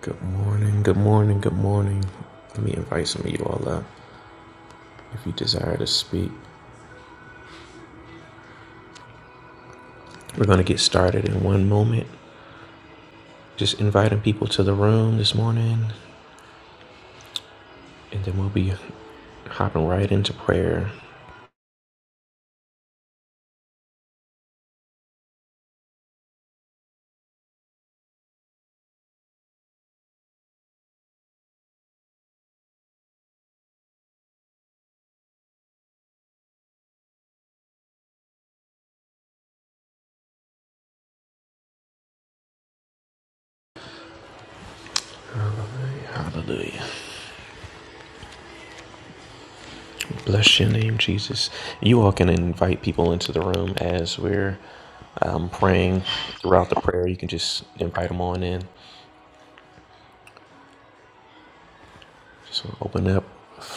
Good morning, good morning, good morning. Let me invite some of you all up if you desire to speak. We're going to get started in one moment. Just inviting people to the room this morning, and then we'll be hopping right into prayer. Hallelujah. Bless your name, Jesus. You all can invite people into the room as we're um, praying throughout the prayer. You can just invite them on in. Just open up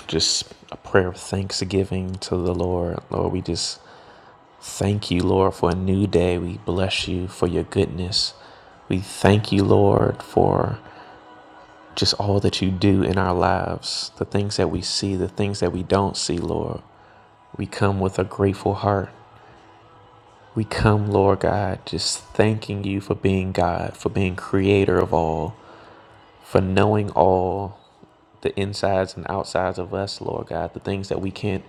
just a prayer of thanksgiving to the Lord. Lord, we just Thank you, Lord, for a new day. We bless you for your goodness. We thank you, Lord, for just all that you do in our lives, the things that we see, the things that we don't see, Lord. We come with a grateful heart. We come, Lord God, just thanking you for being God, for being creator of all, for knowing all the insides and outsides of us, Lord God, the things that we can't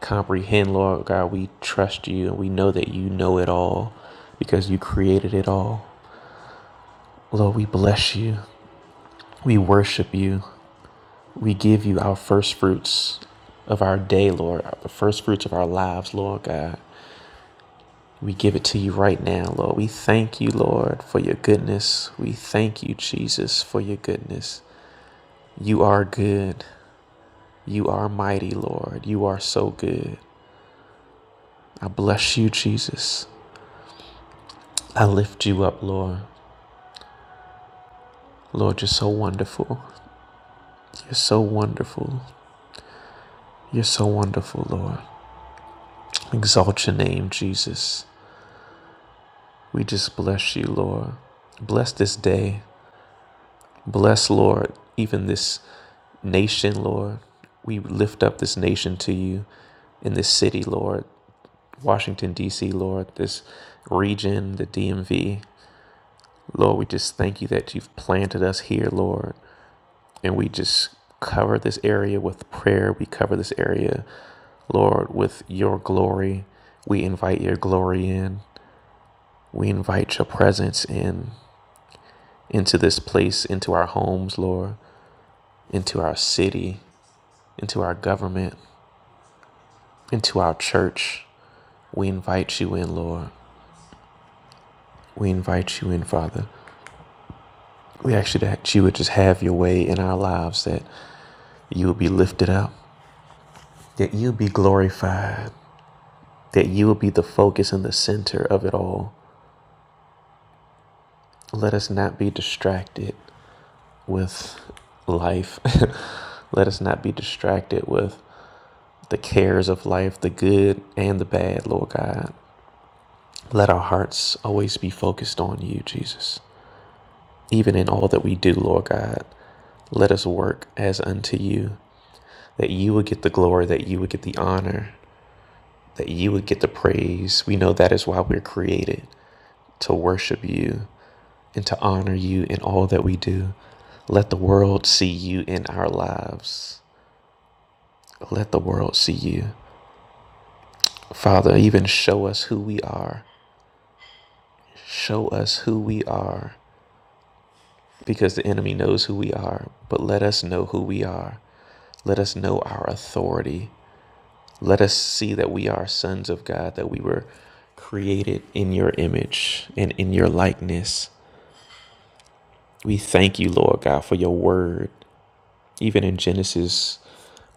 comprehend, Lord God. We trust you and we know that you know it all because you created it all. Lord, we bless you. We worship you. We give you our first fruits of our day, Lord, the first fruits of our lives, Lord God. We give it to you right now, Lord. We thank you, Lord, for your goodness. We thank you, Jesus, for your goodness. You are good. You are mighty, Lord. You are so good. I bless you, Jesus. I lift you up, Lord. Lord, you're so wonderful. You're so wonderful. You're so wonderful, Lord. Exalt your name, Jesus. We just bless you, Lord. Bless this day. Bless, Lord, even this nation, Lord. We lift up this nation to you in this city, Lord. Washington, D.C., Lord, this region, the DMV. Lord, we just thank you that you've planted us here, Lord. And we just cover this area with prayer. We cover this area, Lord, with your glory. We invite your glory in. We invite your presence in into this place, into our homes, Lord, into our city, into our government, into our church. We invite you in, Lord. We invite you in, Father. We ask you that you would just have your way in our lives, that you would be lifted up, that you be glorified, that you will be the focus and the center of it all. Let us not be distracted with life. Let us not be distracted with the cares of life, the good and the bad, Lord God. Let our hearts always be focused on you, Jesus. Even in all that we do, Lord God, let us work as unto you, that you would get the glory, that you would get the honor, that you would get the praise. We know that is why we're created to worship you and to honor you in all that we do. Let the world see you in our lives. Let the world see you. Father, even show us who we are. Show us who we are because the enemy knows who we are, but let us know who we are. Let us know our authority. Let us see that we are sons of God, that we were created in your image and in your likeness. We thank you, Lord God, for your word. Even in Genesis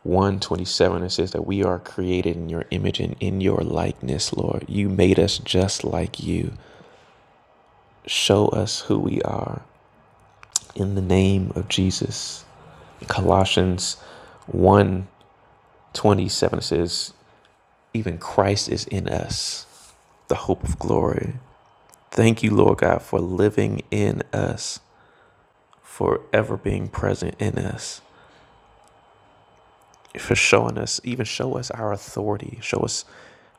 one 27, it says that we are created in your image and in your likeness, Lord. You made us just like you. Show us who we are in the name of Jesus. Colossians one 27, says, Even Christ is in us, the hope of glory. Thank you, Lord God, for living in us, forever being present in us. for showing us, even show us our authority, show us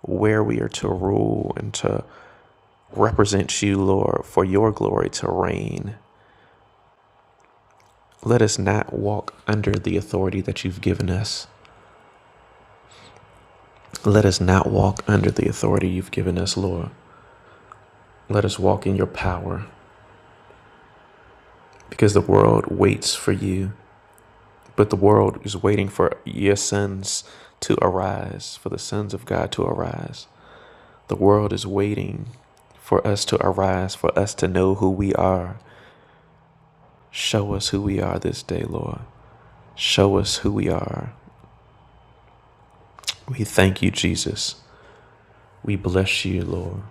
where we are to rule and to represent you, Lord, for your glory to reign. Let us not walk under the authority that you've given us. Let us not walk under the authority you've given us, Lord. Let us walk in your power because the world waits for you, but the world is waiting for your sons to arise, for the sons of God to arise. The world is waiting for us to arise, for us to know who we are. Show us who we are this day, Lord. Show us who we are. We thank you, Jesus. We bless you, Lord.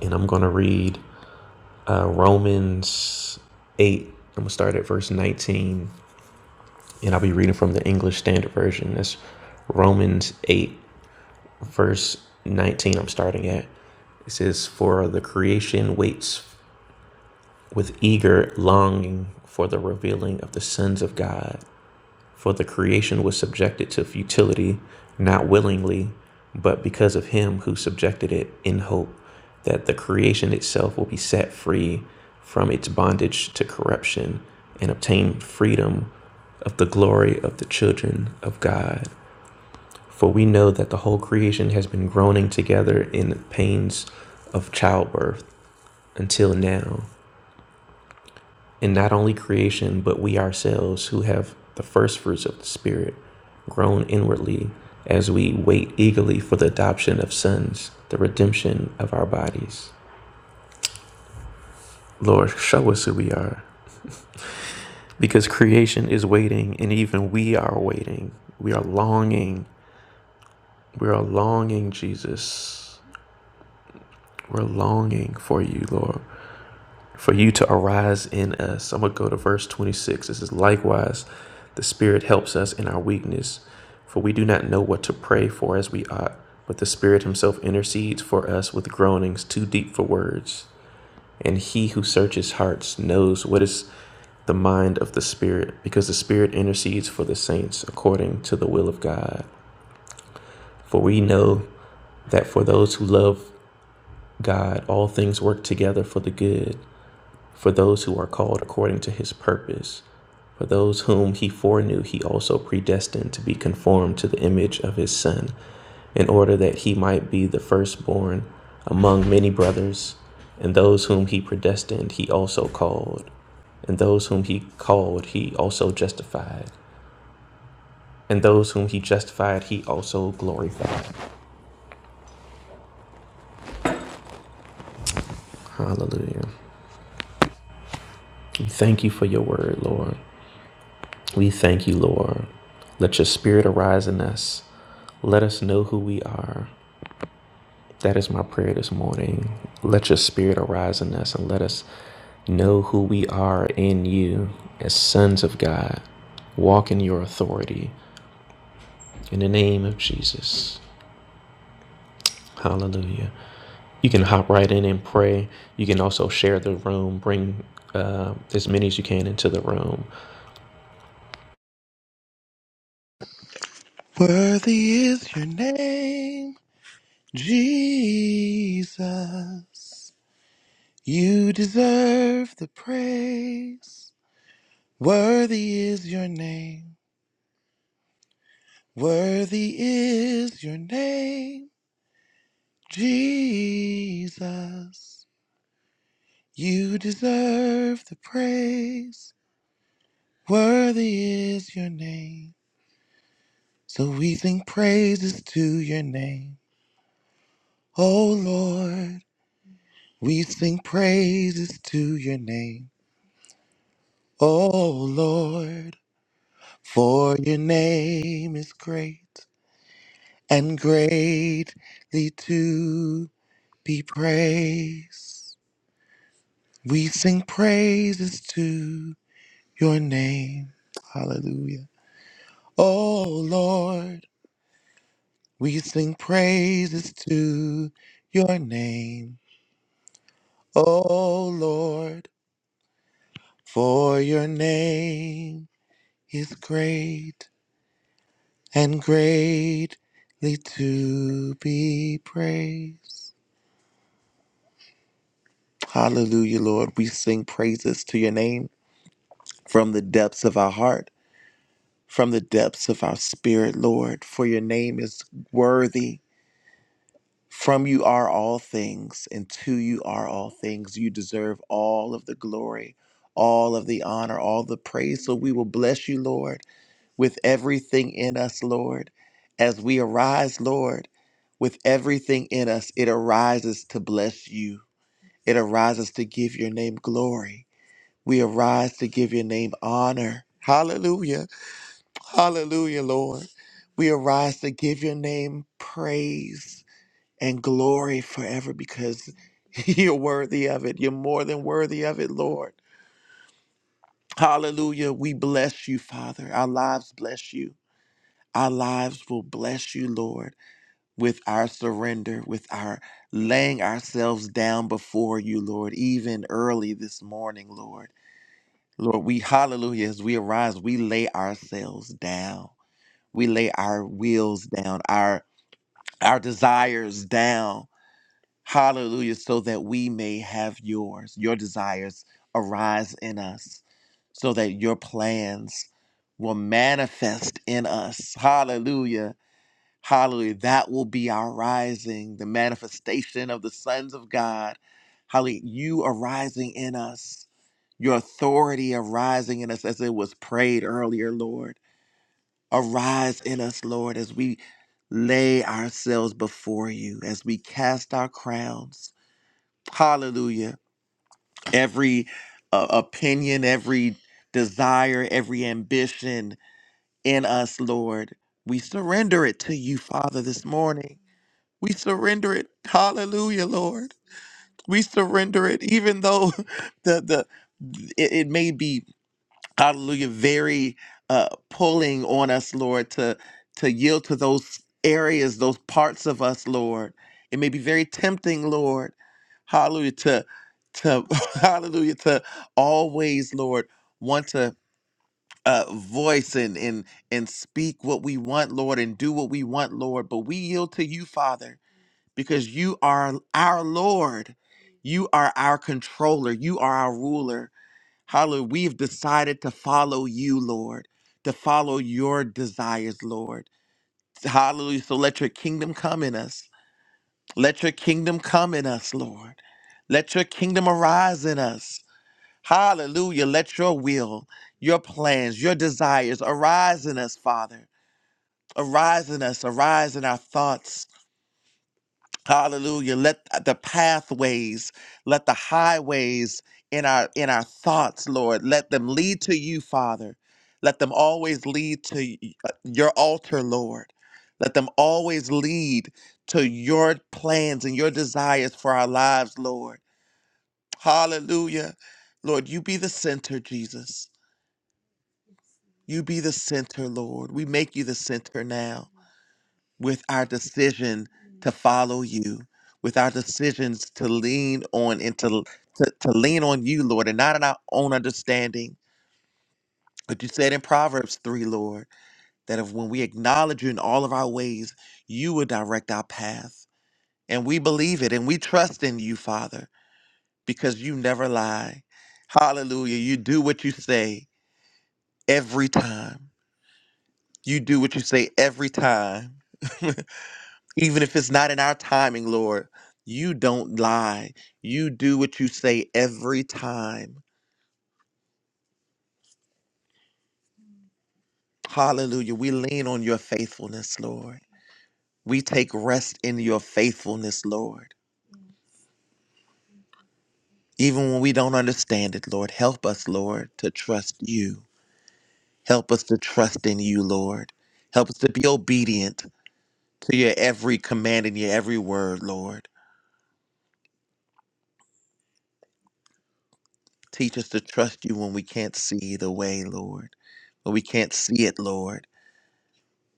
And I'm going to read uh, Romans 8. I'm going to start at verse 19, and I'll be reading from the English Standard Version. That's Romans 8, verse 19. I'm starting at. It says, For the creation waits with eager longing for the revealing of the sons of God. For the creation was subjected to futility, not willingly, but because of him who subjected it, in hope that the creation itself will be set free from its bondage to corruption and obtain freedom of the glory of the children of God. For we know that the whole creation has been groaning together in pains of childbirth until now. And not only creation, but we ourselves who have the first fruits of the Spirit grown inwardly as we wait eagerly for the adoption of sons, the redemption of our bodies. Lord, show us who we are, because creation is waiting, and even we are waiting. We are longing. We are longing, Jesus. We're longing for you, Lord. for you to arise in us. I'm going to go to verse 26. This is likewise, the Spirit helps us in our weakness, for we do not know what to pray for as we ought, but the Spirit Himself intercedes for us with groanings too deep for words. And He who searches hearts knows what is the mind of the Spirit, because the Spirit intercedes for the saints according to the will of God. For we know that for those who love God, all things work together for the good for those who are called according to his purpose. For those whom he foreknew, he also predestined to be conformed to the image of his Son, in order that he might be the firstborn among many brothers. And those whom he predestined, he also called. And those whom he called, he also justified. And those whom he justified, he also glorified. Hallelujah. Thank you for your word, Lord. We thank you, Lord. Let your spirit arise in us. Let us know who we are. That is my prayer this morning. Let your spirit arise in us and let us know who we are in you as sons of God. Walk in your authority. In the name of Jesus. Hallelujah. You can hop right in and pray. You can also share the room. Bring uh, as many as you can into the room. Worthy is your name, Jesus. You deserve the praise. Worthy is your name. Worthy is your name, Jesus. You deserve the praise. Worthy is your name. So we sing praises to your name. Oh Lord. We sing praises to your name, O Lord, for your name is great and greatly to be praised. We sing praises to your name. Hallelujah. O Lord, we sing praises to your name, O Lord, for your name is great and greatly to be praised. Hallelujah, Lord. We sing praises to your name from the depths of our heart, from the depths of our spirit, Lord, for your name is worthy. From you are all things, and to you are all things. You deserve all of the glory, all of the honor, all the praise. So we will bless you, Lord. with everything in us, Lord. As we arise, Lord, with everything in us, it arises to bless you. It arises to give your name glory. We arise to give your name honor. Hallelujah. Hallelujah, Lord. We arise to give your name praise and glory forever because you're worthy of it. You're more than worthy of it, Lord. Hallelujah. We bless you, Father. Our lives bless you. Our lives will bless you, Lord, with our surrender, with our laying ourselves down before you, Lord, even early this morning, Lord. Lord, we, hallelujah, as we arise, we lay ourselves down. We lay our wills down, our, our desires down. Hallelujah, so that we may have yours. Your desires arise in us, so that your plans will manifest in us. Hallelujah Hallelujah. That will be our rising, the manifestation of the sons of God. Hallelujah. You arising in us, your authority arising in us as it was prayed earlier, Lord. Arise in us, Lord, as we lay ourselves before you, as we cast our crowns. Hallelujah. Every uh, opinion, every desire, every ambition in us, Lord, we surrender it to you, Father, this morning. We surrender it. Hallelujah, Lord. We surrender it, even though the the it, it may be hallelujah very uh pulling on us, Lord, to to yield to those areas, those parts of us, Lord. It may be very tempting, Lord. Hallelujah to to hallelujah to always, Lord, want to uh voice and and and speak what we want, Lord, and do what we want, Lord. But we yield to you, Father because you are our Lord. You are our controller. You are our ruler. Hallelujah. We've decided to follow you, Lord, to follow your desires, Lord. Hallelujah. So let your kingdom come in us. Let your kingdom come in us, Lord. Let your kingdom arise in us. Hallelujah. Let your will, your plans, your desires arise in us, Father. Arise in us. Arise in our thoughts. Hallelujah. Let the pathways, let the highways in our in our thoughts, Lord, let them lead to you, Father. Let them always lead to y- uh, your altar, Lord. Let them always lead to your plans and your desires for our lives, Lord. Hallelujah. Lord, you be the center, Jesus. You be the center, Lord. We make you the center now with our decision to follow you, with our decisions to lean on and to, to, to lean on you, Lord, and not on our own understanding. But you said in Proverbs 3, Lord, that if when we acknowledge you in all of our ways, you will direct our path. And we believe it and we trust in you, Father, because you never lie. Hallelujah. You do what you say every time. You do what you say every time. Even if it's not in our timing, Lord, you don't lie. You do what you say every time. Hallelujah. We lean on your faithfulness, Lord. We take rest in your faithfulness, Lord. Even when we don't understand it, Lord, help us, Lord, to trust you. Help us to trust in you, Lord. Help us to be obedient to your every command and your every word, Lord. Teach us to trust you when we can't see the way, Lord. When we can't see it, Lord.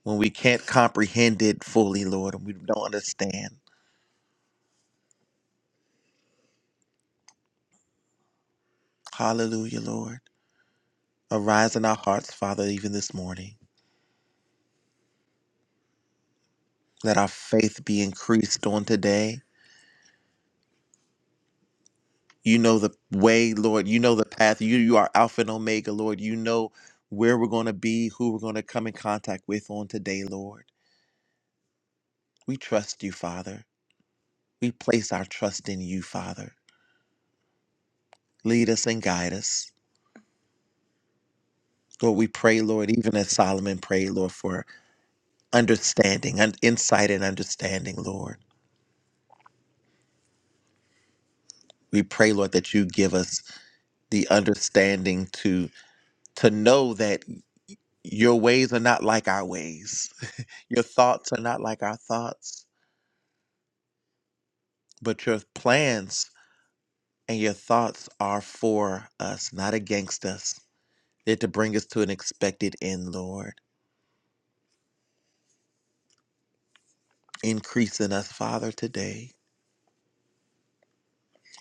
when we can't comprehend it fully, Lord, and we don't understand. Hallelujah, Lord. Arise in our hearts, Father, even this morning. Let our faith be increased on today. You know the way, Lord. You know the path. You you are Alpha and Omega, Lord. You know where we're going to be, who we're going to come in contact with on today, Lord. We trust you, Father. We place our trust in you, Father. Lead us and guide us. Lord, we pray, Lord, even as Solomon prayed, Lord, for understanding and insight and understanding lord we pray lord that you give us the understanding to to know that your ways are not like our ways your thoughts are not like our thoughts but your plans and your thoughts are for us not against us they're to bring us to an expected end lord increase in us father today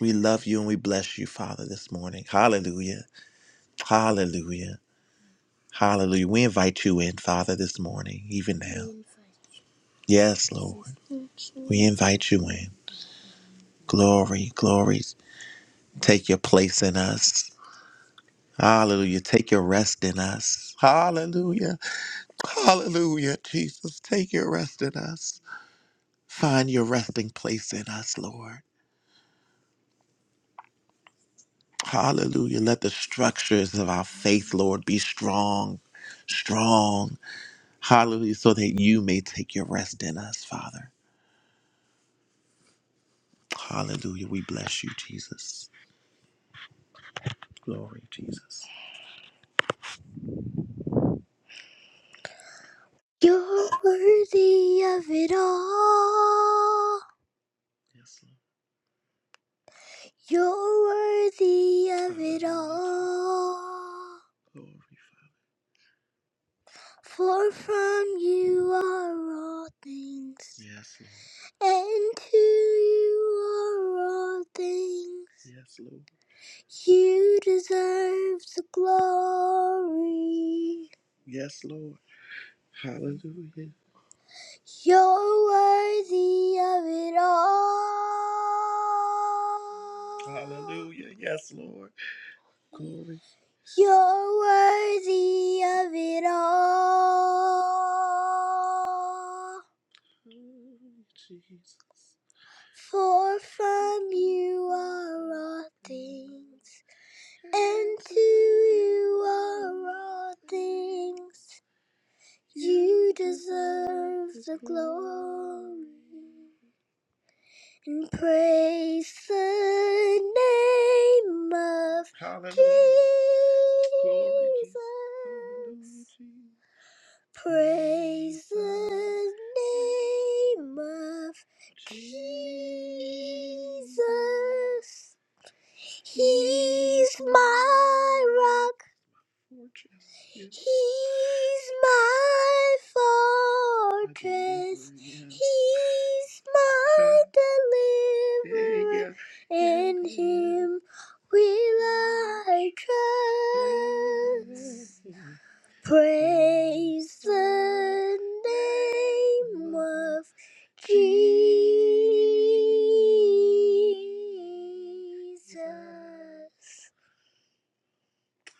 we love you and we bless you father this morning hallelujah hallelujah Hallelujah. We invite you in, Father, this morning, even now. Yes, Lord. We invite you in. Glory, glory. Take your place in us. Hallelujah. Take your rest in us. Hallelujah. Hallelujah. Jesus, take your rest in us. Find your resting place in us, Lord. Hallelujah. Let the structures of our faith, Lord, be strong, strong. Hallelujah. So that you may take your rest in us, Father. Hallelujah. We bless you, Jesus. Glory, Jesus. You're worthy of it all. Yes, Lord. You're worthy of it all. Glory, Father. For from you are all things, Yes, Lord. and to you are all things. Yes, Lord. You deserve the glory. Yes, Lord. Hallelujah. You're worthy of it all. Hallelujah. Yes, Lord. Glory. You're worthy of it all. Mm, Jesus. For from you are all things, and to you are all things. You deserve the glory. And praise the name of Hallelujah. Jesus. Praise the name of Jesus. He's my rock. He's my fortress. He's my deliverer. In him will I trust. Praise the name of Jesus.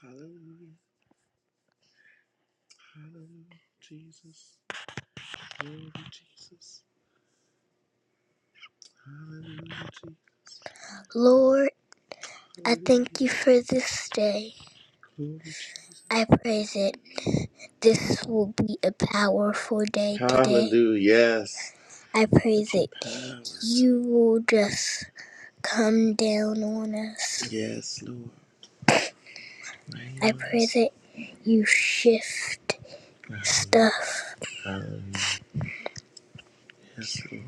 Hallelujah! Hallelujah! Jesus, Jesus. Lord Jesus. Lord, I thank you for this day. I praise it. This will be a powerful day today. Hallelujah. Yes. I praise it. powers. You will just come down on us. Yes, Lord. Rain I on praise us. it. You shift Hallelujah. stuff. Hallelujah. Yes, Lord.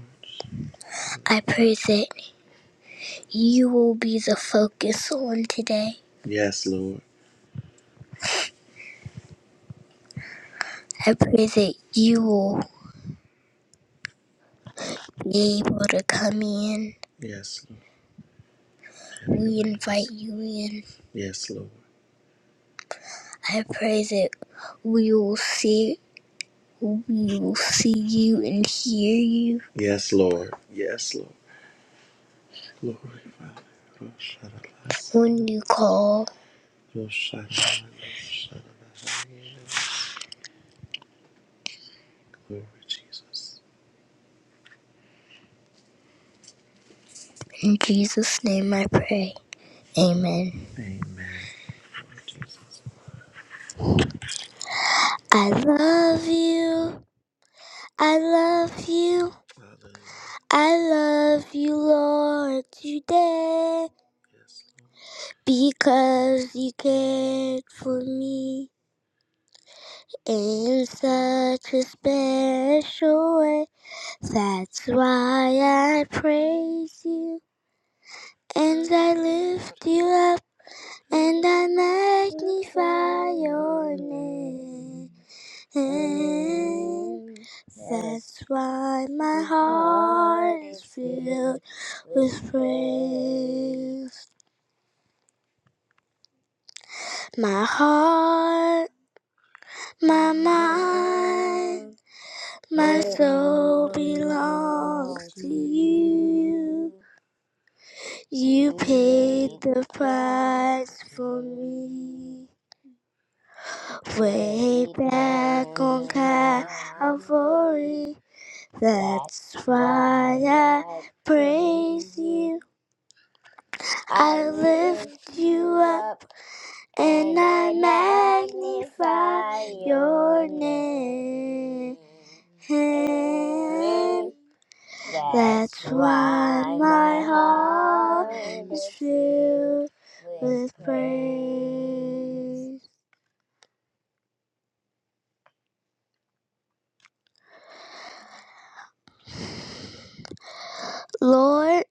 I praise it. You will be the focus on today. Yes, Lord. I praise it. You will. able to come in. Yes, Lord. We invite you in. Yes, Lord. I pray that we will see we will see you and hear you Yes, Lord. Yes, Lord. Glory, Father. Roshanabasa. when you call. Roshanabasa. Roshanabasa. Glory, Jesus. In Jesus' name I pray. Amen. Amen. I love you. I love you. I love you. Lord, today Yes, because you cared for me in such a special way. That's why I praise you and I lift you up and I magnify your name. And That's why my heart is filled with praise. My heart, my mind, my soul belongs to you. You paid the price for me. Way back on Calvary, That's why I praise you. I lift you up and I magnify your name. That's why my heart is filled with praise. Lord,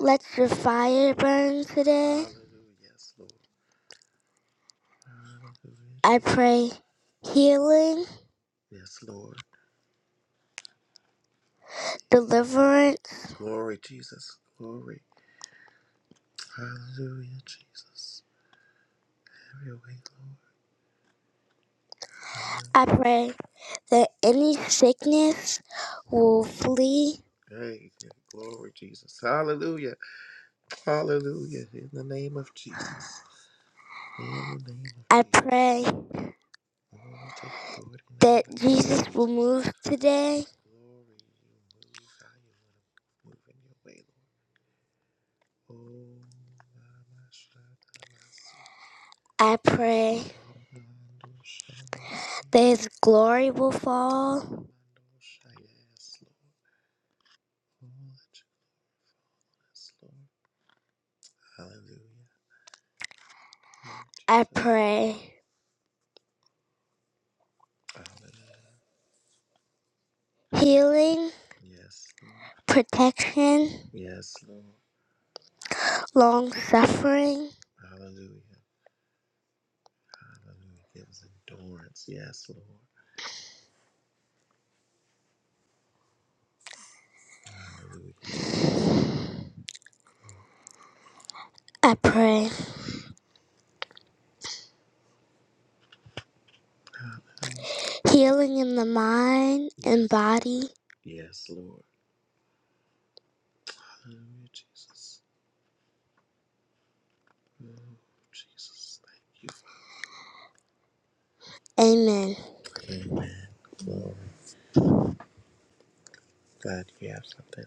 let your fire burn today. I pray healing Yes, Lord. deliverance. Glory, Jesus. Glory. Hallelujah, Jesus. Have your way, Lord. I pray that any sickness will flee. Hey, yeah. glory, Jesus. Hallelujah. Hallelujah. In the name of Jesus. In the name of I Jesus. pray Lord, take authority now in the that name of Jesus Jesus. will move today. Glory, you move how you want to move in your way, Lord. Oh, my, my, I pray that His glory will fall. Yes, I pray healing, Yes, protection, Yes, long suffering. Yes, I pray healing in the mind and Yes. body. Yes, Jesus, thank you. Amen. Amen. Glory. God, you have something.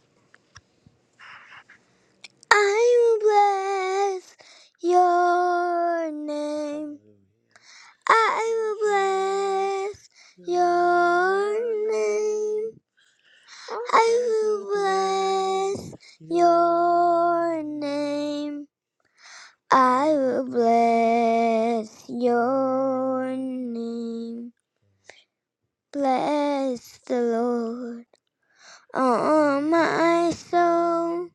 I will bless your name. I will bless your name. I will bless your name. I will bless your name. Bless the Lord. on my soul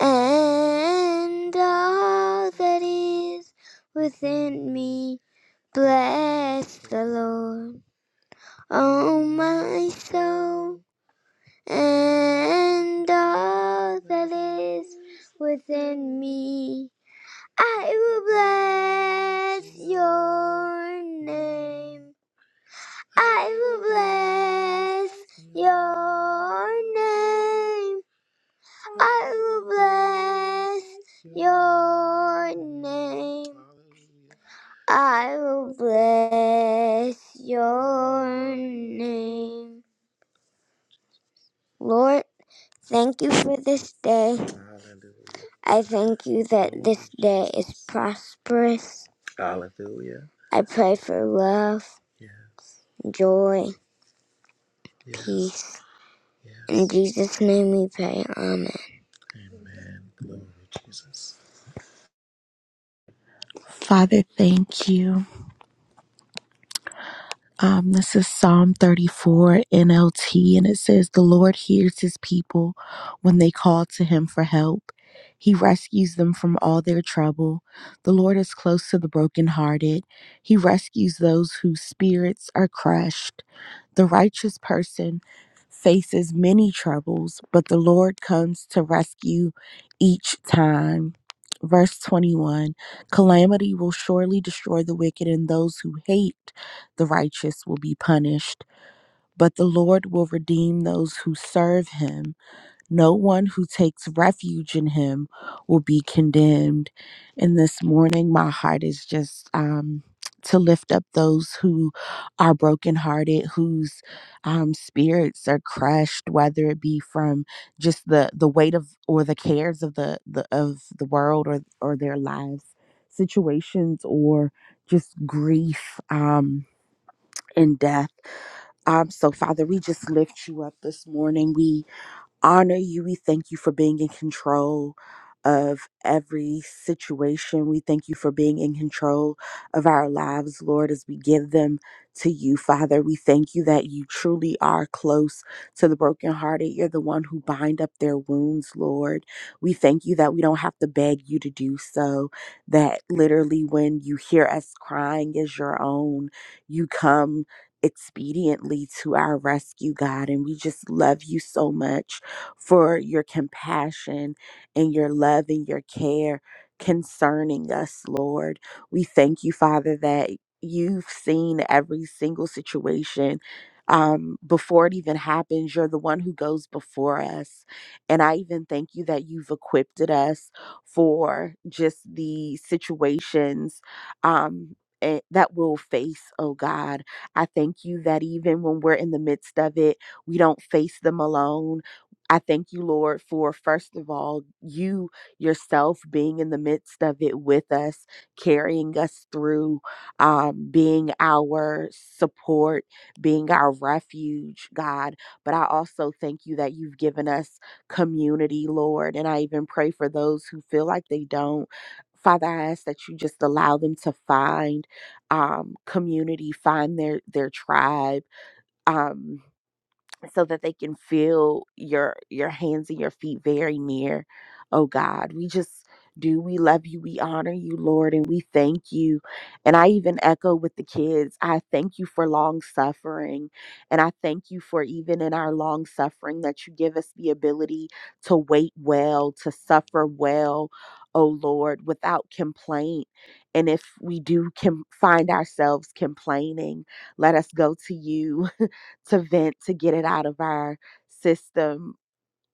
and all that is within me. Bless the Lord, oh my soul, and all that is within me. I will bless your name. I will bless your name. I will bless your name. I will bless your name. Lord, thank you for this day. I thank you that this day is prosperous. Hallelujah. I pray for love, yeah. joy, yes. peace. Yes. In Jesus' name we pray. Amen. Amen. Glory to Jesus. Father, thank you. Um, this is Psalm 34 NLT, and it says, The Lord hears his people when they call to him for help. He rescues them from all their trouble. The Lord is close to the brokenhearted. He rescues those whose spirits are crushed. The righteous person faces many troubles, but the Lord comes to rescue each time. Verse 21 Calamity will surely destroy the wicked, and those who hate the righteous will be punished. But the Lord will redeem those who serve him. No one who takes refuge in him will be condemned. And this morning, my heart is just um, to lift up those who are brokenhearted, whose um, spirits are crushed, whether it be from just the the weight of or the cares of the, the of the world or or their lives, situations, or just grief um, and death. Um, so, Father, we just lift you up this morning. We honor you. We thank you for being in control of every situation. We thank you for being in control of our lives, Lord, as we give them to you, Father. We thank you that you truly are close to the brokenhearted. You're the one who bind up their wounds, Lord. We thank you that we don't have to beg you to do so, that literally when you hear us crying as your own, you come expediently to our rescue, God. And we just love you so much for your compassion and your love and your care concerning us, Lord. We thank you, Father, that you've seen every single situation. Um, before it even happens, you're the one who goes before us. And I even thank you that you've equipped us for just the situations um, eh, that we'll face, oh God. I thank you that even when we're in the midst of it, we don't face them alone I thank you, Lord, for first of all, you yourself being in the midst of it with us, carrying us through, um, being our support, being our refuge, God. But I also thank you that you've given us community, Lord. And I even pray for those who feel like they don't. Father, I ask that you just allow them to find um, community, find their their tribe. Um, so that they can feel your your hands and your feet very near oh god we just do we love you we honor you lord and we thank you and i even echo with the kids i thank you for long suffering and i thank you for even in our long suffering that you give us the ability to wait well to suffer well oh lord without complaint and if we do com- find ourselves complaining let us go to you to vent, to get it out of our system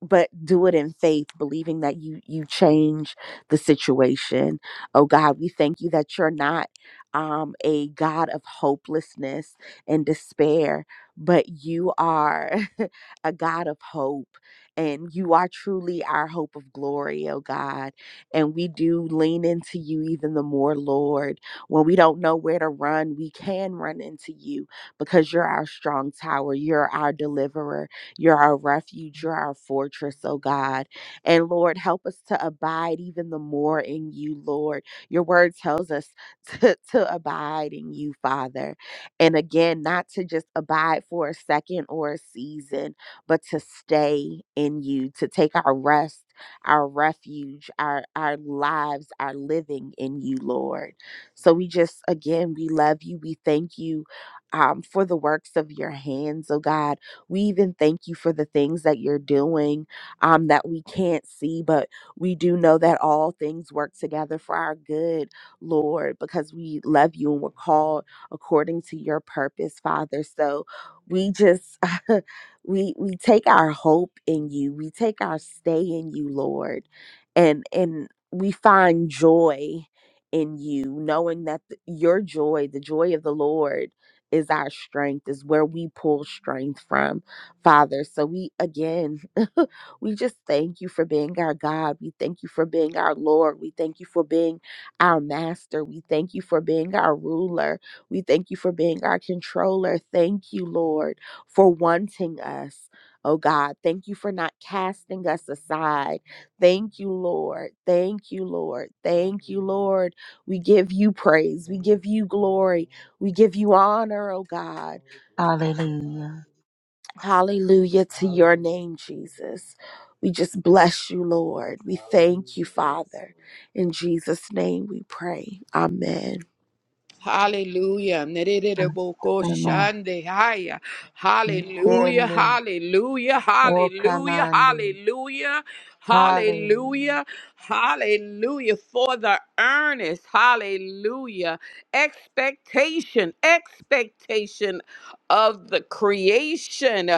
but do it in faith believing that you you change the situation oh god we thank you that you're not um a god of hopelessness and despair but you are a god of hope and you are truly our hope of glory oh god and we do lean into you even the more lord when we don't know where to run we can run into you because you're our strong tower you're our deliverer you're our refuge. You're our fortress, oh God. And Lord, help us to abide even the more in you, Lord. Your word tells us to, to abide in you, Father. And again, not to just abide for a second or a season, but to stay in you, to take our rest, our refuge, our, our lives, our living in you, Lord. So we just, again, we love you. We thank you um, for the works of your hands, oh God. We even thank you for the things that you're doing um, that we can't see, but we do know that all things work together for our good, Lord, because we love you and we're called according to your purpose, Father. So we just we we take our hope in you. We take our stay in you, Lord. And and we find joy in you, knowing that th- your joy, the joy of the Lord is our strength, is where we pull strength from, Father. So we, again, we just thank you for being our God. We thank you for being our Lord. We thank you for being our master. We thank you for being our ruler. We thank you for being our controller. Thank you, Lord, for wanting us. Oh God, thank you for not casting us aside. Thank you, Lord. Thank you, Lord. Thank you, Lord. We give you praise. We give you glory. We give you honor, oh God. Hallelujah. Hallelujah to your name, Jesus. We just bless you, Lord. We thank you, Father. In Jesus' name we pray. Amen. Hallelujah. Nererebokoshandehaya. Hallelujah. Ascending. Hallelujah. Oh, Hallelujah. commanding. Hallelujah. Hallelujah. Hallelujah. Hallelujah. For the earnest. Hallelujah. Expectation. Expectation of the creation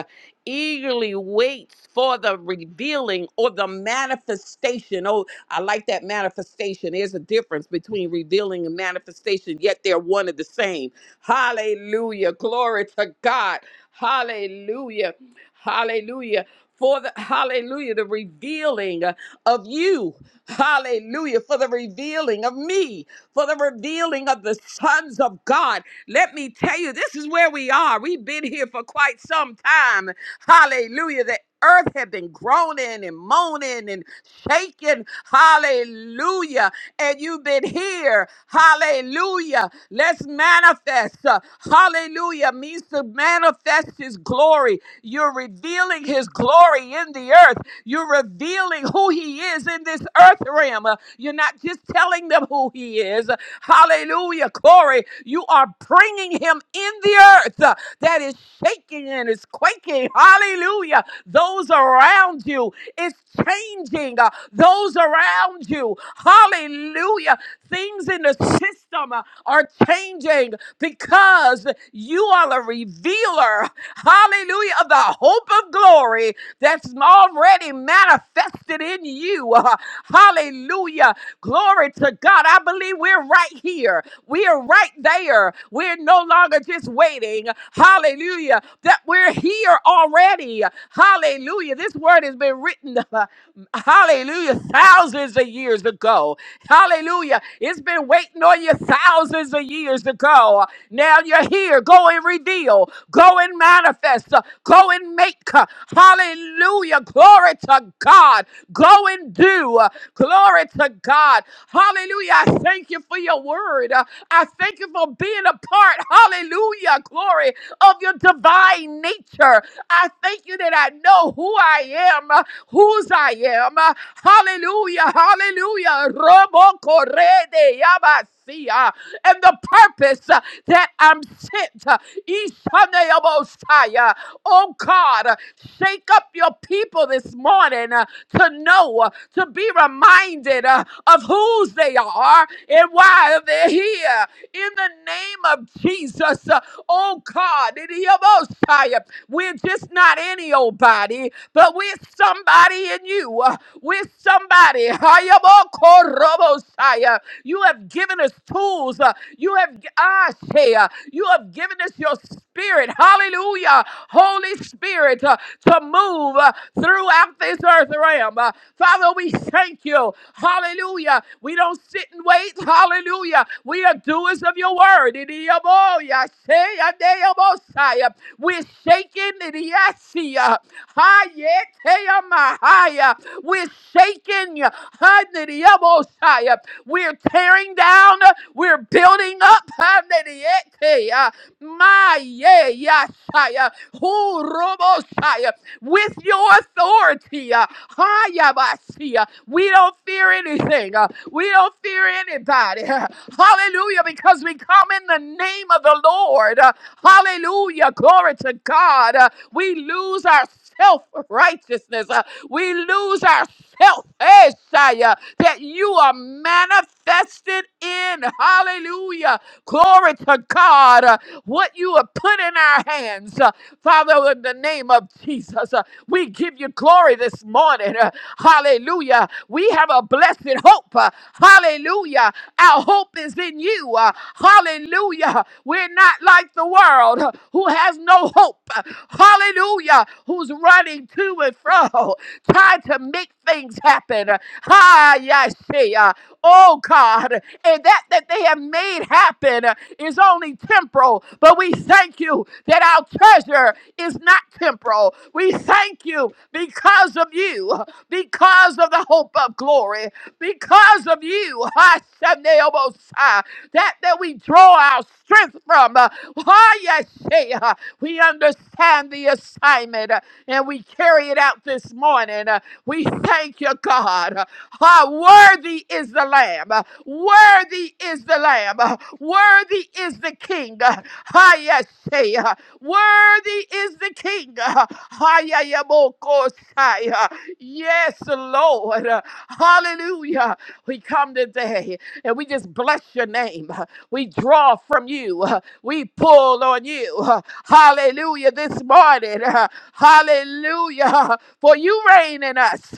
eagerly waits for the revealing or the manifestation. Oh, I like that manifestation. There's a difference between revealing and manifestation, yet they're one and the same. Hallelujah. Glory to God. Hallelujah. Hallelujah. For the hallelujah, the revealing of you. Hallelujah. For the revealing of me, for the revealing of the sons of God. Let me tell you, this is where we are. We've been here for quite some time. Hallelujah. The earth had been groaning and moaning and shaking. Hallelujah. And you've been here. Hallelujah. Let's manifest. Uh, hallelujah means to manifest his glory. You're revealing his glory in the earth. You're revealing revealing who He is in this earth realm. Uh, You're not just telling them who He is. Hallelujah, Corey. You are bringing Him in the earth uh, that is shaking and is quaking. Hallelujah. Those around you, it's changing. uh, Those around you, hallelujah. Things in the system uh, are changing because you are the revealer, hallelujah, of the hope of glory glory that's already manifested in you. Uh, Hallelujah. Glory to God. I believe we're right here. We are right there. We're no longer just waiting. Hallelujah. That we're here already. Hallelujah. This word has been written, uh, hallelujah, thousands of years ago. Hallelujah. It's been waiting on you thousands of years ago. Now you're here. Go and reveal. Go and manifest manifest. Uh, Go and make. Uh, Hallelujah. Glory to God. Go and do. Uh, Glory to God. Hallelujah. I thank you for your word. Uh, I thank you for being a part. Hallelujah. Glory of your divine nature. I thank you that I know who I am, uh, whose I am. Uh, Hallelujah. Hallelujah. Robo corre de yabasia. And the purpose uh, that I'm sent. uh, Ishanayabosaya. Oh God, uh, shake up your people this morning uh, to know, uh, to be reminded uh, of whose they are and why they're here. In the name of Jesus, uh, oh God, Idiyabosaya. we're just not any old body, but we're somebody in you. uh, We're somebody. Hayabokorobosaya. You have given us tools. uh, You have g- ah, say, uh, you have given us your spirit. Hallelujah. Holy Spirit uh, to move uh, throughout this earth realm. Uh, Father, we thank you. Hallelujah. We don't sit and wait. Hallelujah. We are doers of your word. Idiaboya, say, adeyabosaya. We're shaking. idiasia. Hayeteyamahaya. We're shaking. Hanidiyabosai. We're tearing down. We're building up. Hanidiyete. My yeah, yashaya. Horobosai. With your authority. Hayabasiya. We don't fear anything. uh, We don't fear anybody. Hallelujah. Because we come in the name of the Lord. Hallelujah. Glory to God. Uh, we lose our self righteousness. we lose our self, eh, Shia, that you are manifested in. Hallelujah. Glory to God. Uh, what you have put in our hands. Uh, Father, in the name of Jesus, uh, we give you glory this morning. Uh, Hallelujah. We have a blessed hope. Uh, Hallelujah. Our hope is in you. Uh, Hallelujah. We're not like the world uh, who has no hope. Uh, Hallelujah. Who's running to and fro, trying to make things happen. Uh, Ah, yes. see. uh, Oh God, and that that they have made happen is only temporal. But we thank you that our treasure is not temporal. We thank you because of you, because of the hope of glory, because of you, Hashaneobosai, that that we draw our strength from. Uh, why, yes, say, uh, We understand the assignment and we carry it out this morning. Uh, we thank you, God. Uh, ah, worthy is the Lamb. Uh, worthy is the Lamb. Uh, worthy is the King. Uh, ah, yes, say, uh, worthy is the King. Uh, ah, yeah, yeah, bo- ko- sai, uh, yes, Lord. Uh, hallelujah. We come today. And we just bless your name. We draw from you. We pull on you. Hallelujah this morning. Hallelujah. For you reign in us.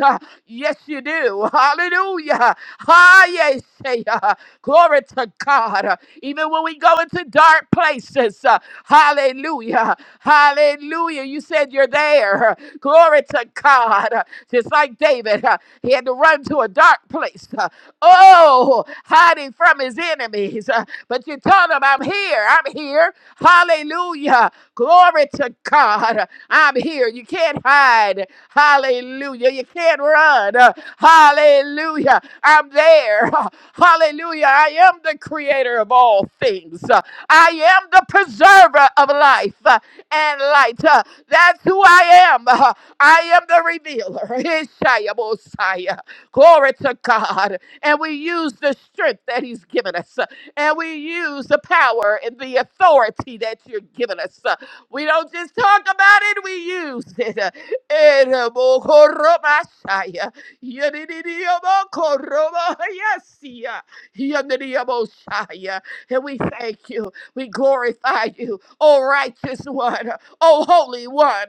Yes, you do. Hallelujah. Ah, yes, yeah. Glory to God. Even when we go into dark places, uh, hallelujah. Hallelujah. You said you're there. Glory to God. Just like David, uh, he had to run to a dark place uh, Oh, hiding from his enemies. Uh, But you tell him, I'm here. I'm here. Hallelujah. Glory to God. I'm here. You can't hide. Hallelujah. You can't run. Uh, Hallelujah. I'm there. Uh, Hallelujah. I am the creator of all things. Uh, I am the preserver of life uh, and light. Uh, That's who I am. Uh, I am the revealer. Ishaya Mosiah. Glory to God. And we use the strength that He's given us. uh, And we use the power and the authority that you're giving us. uh, We don't just talk about it, we use it. uh, and, uh, mo- koro- mashaya, yadididio- mo- koro- mo- yasia, yadididio- mo- shaya. And we thank you. We glorify you, O righteous one, O holy one.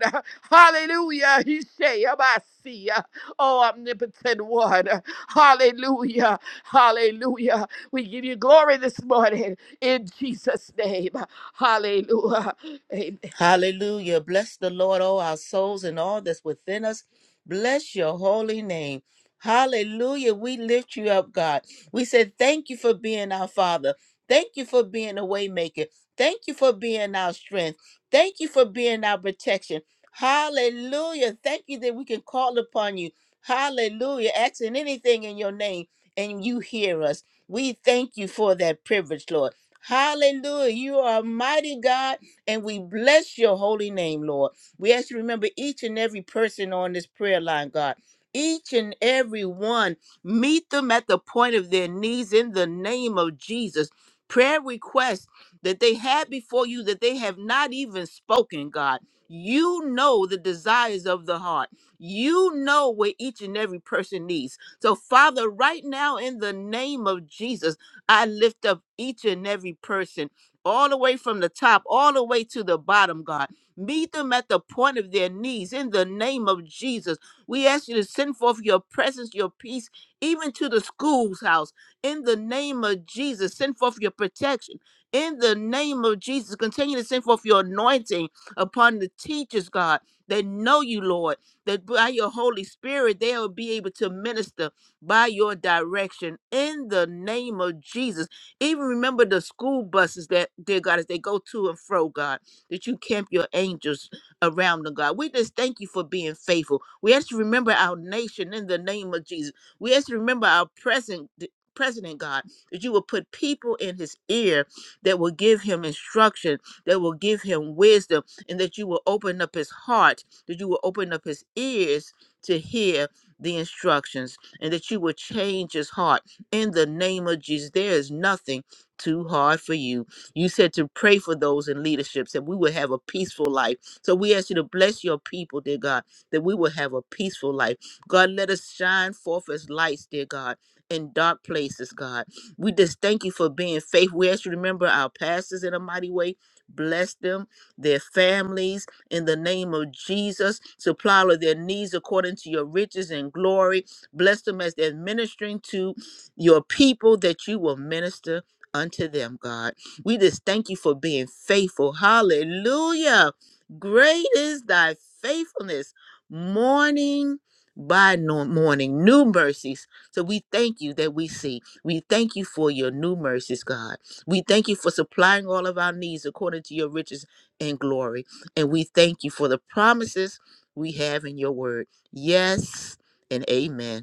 Hallelujah. He say, Oh, omnipotent one. Hallelujah. Hallelujah. We give you glory this morning in Jesus' name. Hallelujah. Amen. Hallelujah. Bless the Lord, all our souls and all that's within us. Bless your holy name. Hallelujah. We lift you up, God. We said thank you for being our Father. Thank you for being a waymaker. Thank you for being our strength. Thank you for being our protection. Hallelujah. Thank you that we can call upon you. Hallelujah. Asking anything in your name and you hear us. We thank you for that privilege, Lord. Hallelujah. You are a mighty God and we bless your holy name, Lord. We ask you to remember each and every person on this prayer line, God. Each and every one, meet them at the point of their knees in the name of Jesus. Prayer requests that they had before you that they have not even spoken, God. You know the desires of the heart. You know what each and every person needs. So, Father, right now, in the name of Jesus, I lift up each and every person all the way from the top, all the way to the bottom, God. Meet them at the point of their knees in the name of Jesus. We ask you to send forth your presence, your peace, even to the school's house in the name of Jesus. Send forth your protection in the name of Jesus. Continue to send forth your anointing upon the teachers, God. They know you, Lord, that by your Holy Spirit, they will be able to minister by your direction in the name of Jesus. Even remember the school buses that, dear God, as they go to and fro, God, that you camp your angels around them, God. We just thank you for being faithful. We ask you to remember our nation in the name of Jesus. We ask you to remember our present president, God, that you will put people in his ear that will give him instruction, that will give him wisdom, and that you will open up his heart, that you will open up his ears to hear the instructions, and that you will change his heart in the name of Jesus. There is nothing too hard for you. You said to pray for those in leaderships that we will have a peaceful life. So we ask you to bless your people, dear God, that we will have a peaceful life. God, let us shine forth as lights, dear God, in dark places, God. We just thank you for being faithful. We ask you to remember our pastors in a mighty way. Bless them, their families, in the name of Jesus. Supply all of their needs according to your riches and glory. Bless them as they're ministering to your people that you will minister unto them, God. We just thank you for being faithful. Hallelujah. Great is thy faithfulness. Morning by no- morning, new mercies. So we thank you that we see. We thank you for your new mercies, God. We thank you for supplying all of our needs according to your riches and glory. And we thank you for the promises we have in your word. Yes and amen.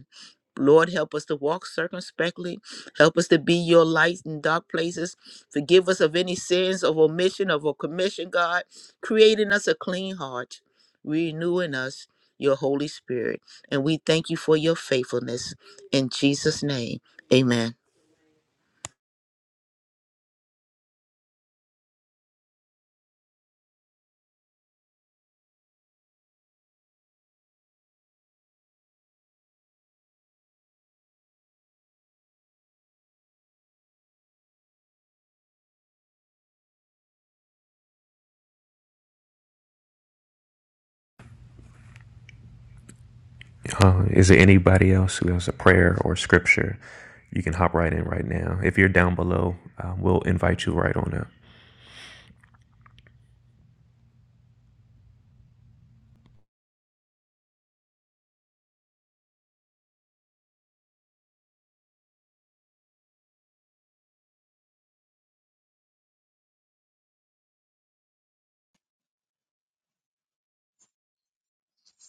Lord, help us to walk circumspectly. Help us to be your light in dark places. Forgive us of any sins of omission, of a commission, God, creating us a clean heart, renew in us your Holy Spirit. And we thank you for your faithfulness. In Jesus' name, amen. Uh, is there anybody else who has a prayer or scripture? You can hop right in right now. If you're down below, uh, we'll invite you right on up.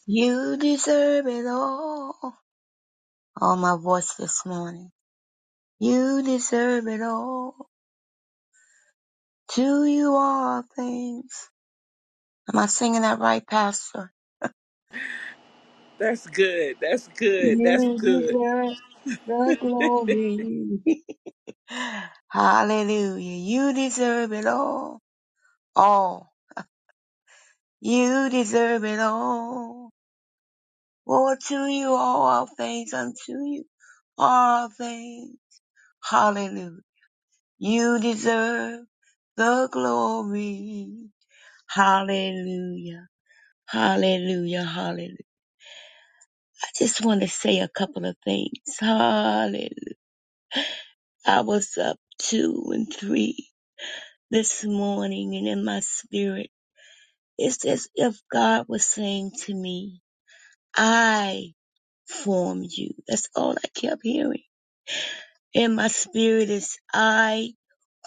You deserve it all. All my voice this morning. You deserve it all. To you all things. Am I singing that right, Pastor? You deserve the glory. Hallelujah. You deserve it all. All. You deserve it all. Lord, to you all our things, unto you all are things. Hallelujah. You deserve the glory. Hallelujah. Hallelujah. Hallelujah. I just want to say a couple of things. Hallelujah. I was up two and three this morning and in my spirit, it's as if God was saying to me, I formed you. That's all I kept hearing. And my spirit is I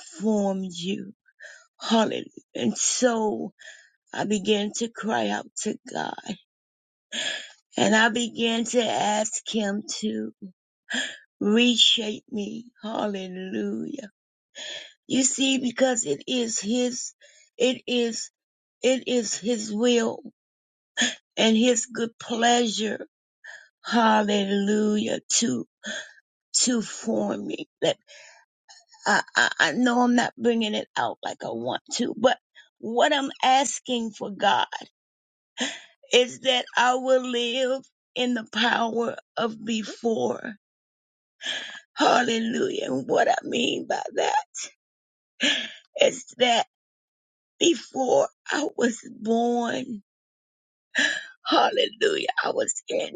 formed you. Hallelujah. And so I began to cry out to God and I began to ask Him to reshape me. Hallelujah. You see, because it is His, it is, it is His will and His good pleasure. Hallelujah. To, to form me. That I, I, I know I'm not bringing it out like I want to, but what I'm asking for God. is that I will live in the power of before. Hallelujah. And what I mean by that is that before I was born, hallelujah, I was in,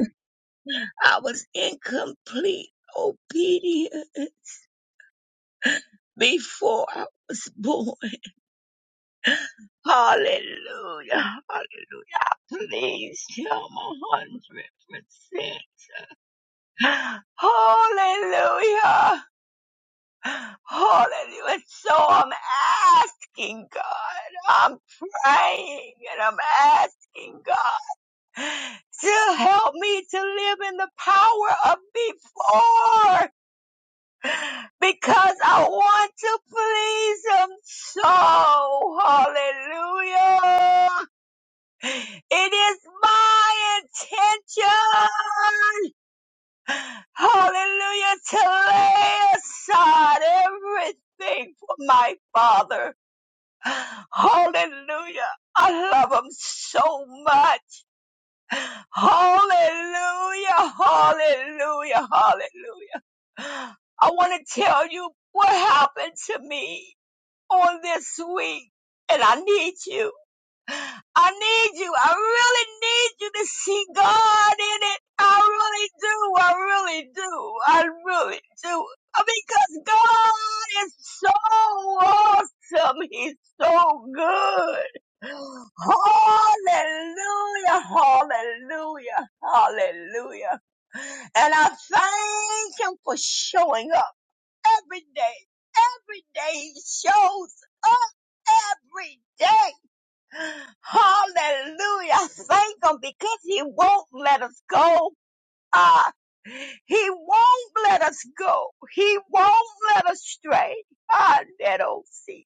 I was in complete obedience before I was born. Hallelujah. Hallelujah. I please him a hundred percent. Hallelujah. Hallelujah. And so I'm asking God, I'm praying and I'm asking God to help me to live in the power of before because I want to please Him so. Hallelujah. It is my intention, hallelujah, to lay aside everything for my Father. Hallelujah. I love him so much. Hallelujah. Hallelujah. Hallelujah. I want to tell you what happened to me on this week and I need you. I need you. I really need you to see God in it. I really do. I really do. I really do. Because God is so awesome. He's so good. Hallelujah. Hallelujah. Hallelujah. And I thank him for showing up every day. Every day he shows up every day. Hallelujah. Thank him because he won't let us go. Ah, he won't let us go. He won't let us stray. Ah, that old sea.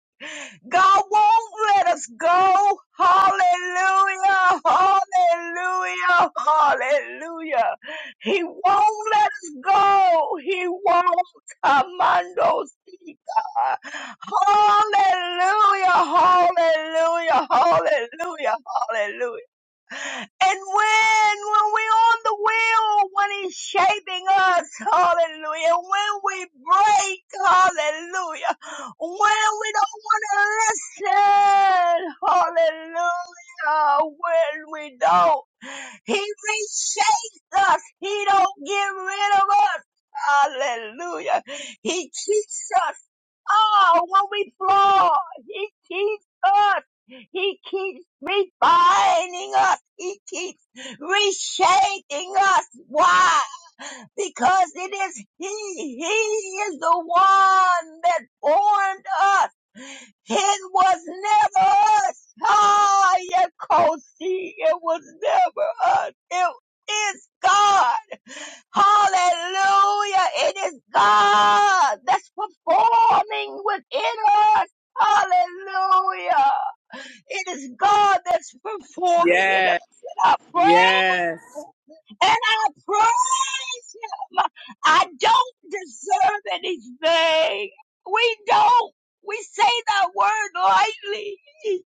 God won't let us go. Hallelujah. Hallelujah. Hallelujah. He won't let us go. He won't. Amando Sita. Hallelujah. Hallelujah. Hallelujah. Hallelujah. And when, when we're on the wheel, when he's shaping us, hallelujah, when we break, hallelujah, when we don't want to listen, hallelujah, when we don't. He reshapes us. He don't get rid of us. Hallelujah. He keeps us. Oh, when we fall, he keeps us. He keeps refining us. He keeps reshaping us. Why? Because it is He. He is the one that formed us. It was never us. Ah, yeah, Kosi, it was never us. It is God. Hallelujah. It is God that's performing within us. Hallelujah. It is God that's performing in us. Yes. And I pray Yes. and I praise him. I don't deserve anything. We don't. We say that word lightly,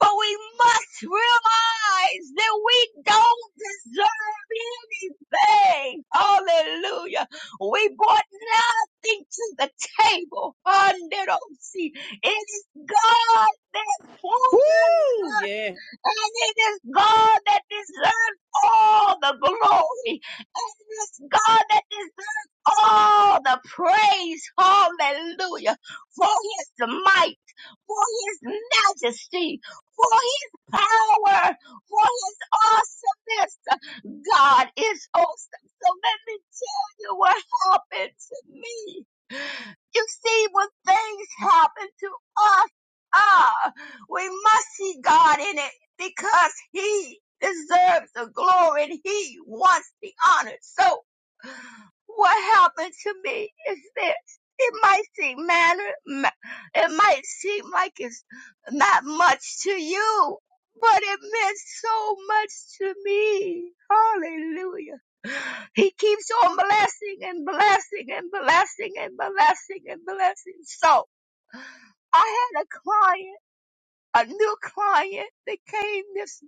but we must realize that we don't deserve anything. Hallelujah. We brought nothing to the table. It is God Woo! that Yeah. and it is God that deserves all the glory. And it is God that deserves all the praise. Hallelujah. For his might, for his majesty, for his power, for his awesomeness. God is awesome. So let me tell you what happened to me. You see, when things happen to us, ah, we must see God in it because He deserves the glory and He wants the honor. So what happened to me is this. It might seem manner, it might seem like it's not much to you, but it meant so much to me. Hallelujah. He keeps on blessing and blessing and blessing and blessing and blessing. So I had a client, a new client that came this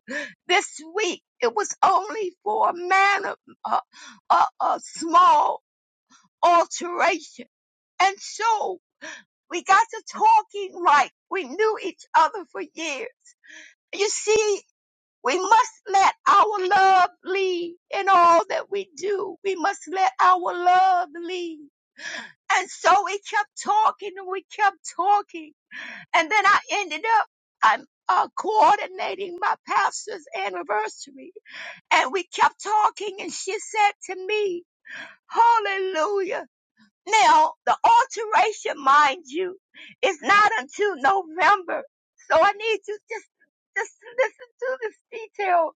this week. It was only for a man of a, a, a small alteration, and so we got to talking like we knew each other for years. You see, we must let our love lead in all that we do. We must let our love lead. And so we kept talking and we kept talking And then I ended up I'm uh, coordinating my pastor's anniversary. And we kept talking, and she said to me, Hallelujah. Now, the alteration, mind you, is not until November. So I need to just, just listen to this detail.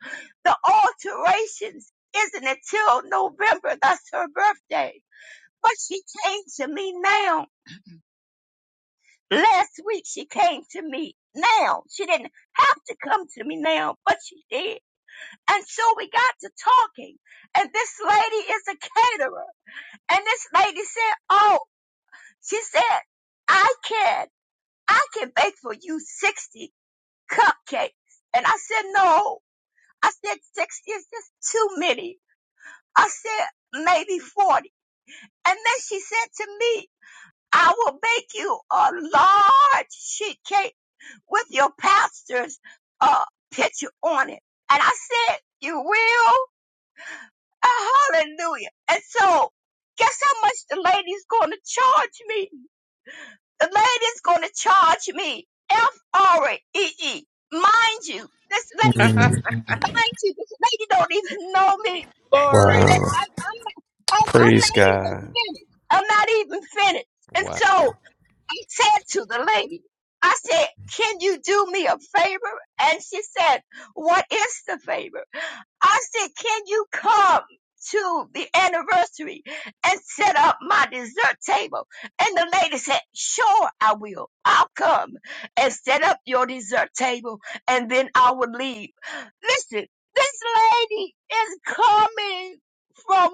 The alterations isn't until November. That's her birthday. But she came to me now Last week she came to me. Now she didn't have to come to me now, but she did. And so we got to talking. And this lady is a caterer. And this lady said, Oh, she said, I can, I can bake for you 60 cupcakes. And I said, No. I said, 60 is just too many. I said, maybe 40. And then she said to me, I will bake you a large sheet cake with your pastor's uh, picture on it. And I said, you will? Uh, Hallelujah. And so, guess how much the lady's going to charge me? The lady's going to charge me F-R-E-E. Mind you, this lady, Mm, mind you, this lady don't even know me. Wow. Glory. I'm, I'm, I'm, I'm Praise not even God. finished. I'm not even finished. And Wow. so, I said to the lady, I said, can you do me a favor? And she said, what is the favor? I said, can you come to the anniversary and set up my dessert table? And the lady said, sure, I will. I'll come and set up your dessert table and then I will leave. Listen, this lady is coming from,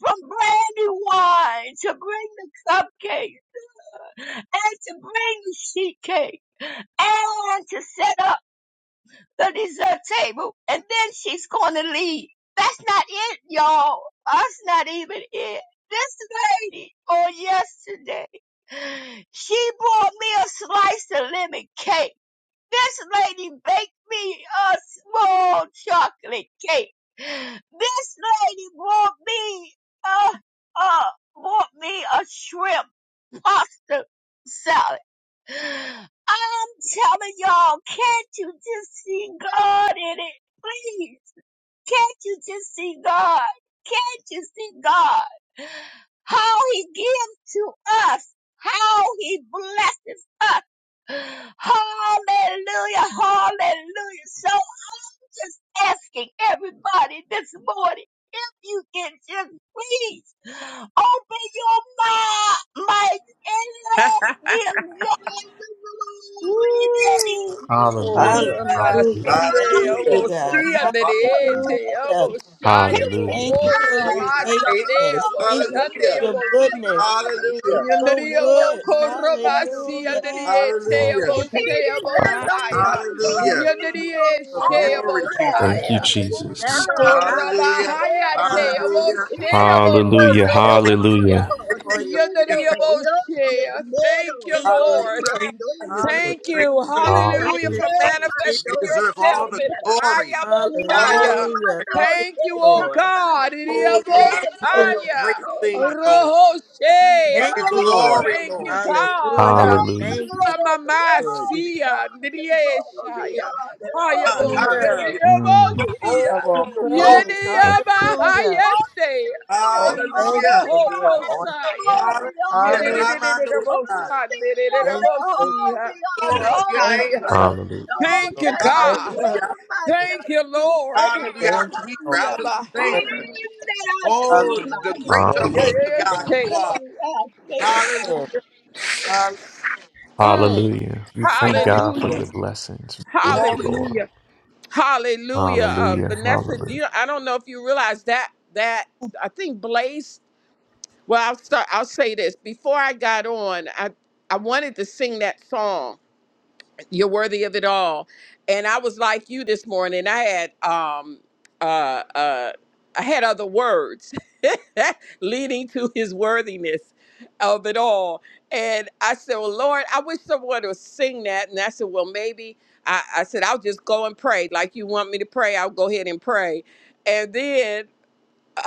from Brandywine to bring the cupcakes and to bring the sheet cake and to set up the dessert table and then she's going to leave. That's not it, y'all. That's not even it. This lady on yesterday, she brought me a slice of lemon cake. This lady baked me a small chocolate cake. This lady brought me a, uh, brought me a shrimp pasta salad I'm telling y'all, can't you just see God in it? Please, can't you just see God? Can't you see God? How he gives to us, how he blesses us. Hallelujah, hallelujah. so just asking everybody this morning if you can just please open your mouth, mic and let's give God the glory that He Woo! Hallelujah. Ora deserves. Hallelujah. Hallelujah. God masande Thank you, Hallelujah. abo God. si deserves all andere the te Hallelujah. abo shai He abo Hallelujah. Thank you for korra Great your is deserves our all masande faithfulness. faithfulness. abo Thank you glory. He for shande Hallelujah. your abo deserves goodness. all the You're Hallelujah. so glory Yandirio and good. all the Koromasi praise. Hallelujah. Yandirie Hallelujah. Teabo Thank He you for Sheabo life, deserves Hallelujah. all Saya the Hallelujah. Yandirie for glory. blessing Glory, Sheabo Jesus. Thank you, us Saya with Jesus. blessings. Hallelujah. Koromahaya Hallelujah. Teabo Hallelujah. For Sheabo your Hallelujah. children, Koromosia Hallelujah. for Thank your you, Yandirio glory, for Shea. your Thank you, faith. Father. Lord. Great are you, Lord. Thank Great. you. Hallelujah. Great Hallelujah Hallelujah. is for our faith. You manifesting deserve all yourself the in glory. All the Hayabosaya. Hallelujah. Thank you, Thank you, oh Lord. God. glory. You Thank deserve you. the great Idiabosaya. things, Toma, Lord. Oh, Give Thank you Rohoshea. you, Lord. glory, the Thank Lord. you, praise. God. Hallelujah. Oh, the Hallelujah, Thank Jesus. you, glory. Lord. Oh, You- the Mamasia. honor. Oh, the honor. Oh, the Nidieshaya. honor. Oh, God. Hayaboya. Hallelujah. Hallelujah. the Mm, honor. Oh, Idiabosia. Of all All the honor, all the honor, all the honor, glory. praise. thank you, Jesus. Hallelujah. Yediabahayese. Oh, thank you Hallelujah. for being on. all Rohobosaya. the Hallelujah. honor. Hallelujah. Ramando. All the honor, Thank you, thank all the Yedidididididabosandidididabosia. you, Glory honor, to Lord. all your the Thank name, you. Lord. Hallelujah. thank you. praise, Hallelujah. you, all Thank you, Lord. that Thank you, God. all Hallelujah. my you. Thank you, mercy, Lord. Hallelujah. Our Thank Ekaba, you, keeper, our Yeah, Lord. Yes, sustainer. Yabahaya. Oh, the great hallelujah. Hallelujah. Jehovah Yes, Thank God yeah. you you, are. Father. Hallelujah. Yes, hallelujah. Mm. Hallelujah. We thank God for Hallelujah. your blessings. We Thank you, Glory. Hallelujah. Lord. Hallelujah. Uh, Hallelujah. Vanessa, do Hallelujah. you, I don't know if you realize that that I think Blaze. Well, I'll start. I'll say this before I got on. I I wanted to sing that song you're worthy of it all and i was like you this morning i had um uh uh i had other words leading to his worthiness of it all and i said well lord i wish someone would sing that and i said well maybe i, I said i'll just go and pray like you want me to pray i'll go ahead and pray and then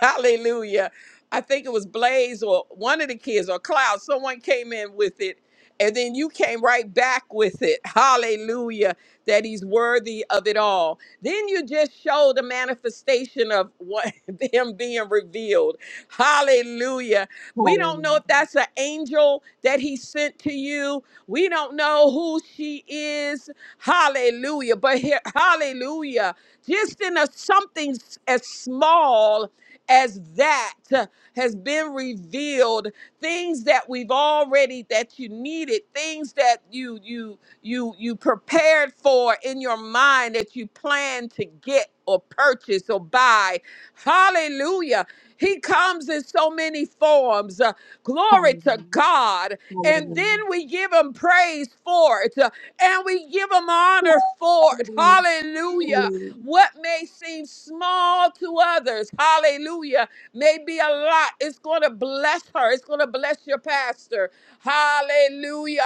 Hallelujah. I think it was Blaze or one of the kids or Cloud. Someone came in with it. And then you came right back with it. Hallelujah. That he's worthy of it all. Then you just showed the manifestation of what him being revealed. Hallelujah. We don't know if that's an angel that he sent to you. We don't know who she is. Hallelujah. But here, hallelujah. Just in a something s- as small as that uh, has been revealed things that we've already that you needed things that you you you you prepared for in your mind that you plan to get or purchase or buy hallelujah he comes in so many forms. Uh, glory to Hallelujah, God. And then we give him praise for it uh, and we give him honor for it. hallelujah, Hallelujah. hallelujah, What may seem small to others, hallelujah, may be a lot. It's going to bless her, it's going to bless your pastor. Hallelujah.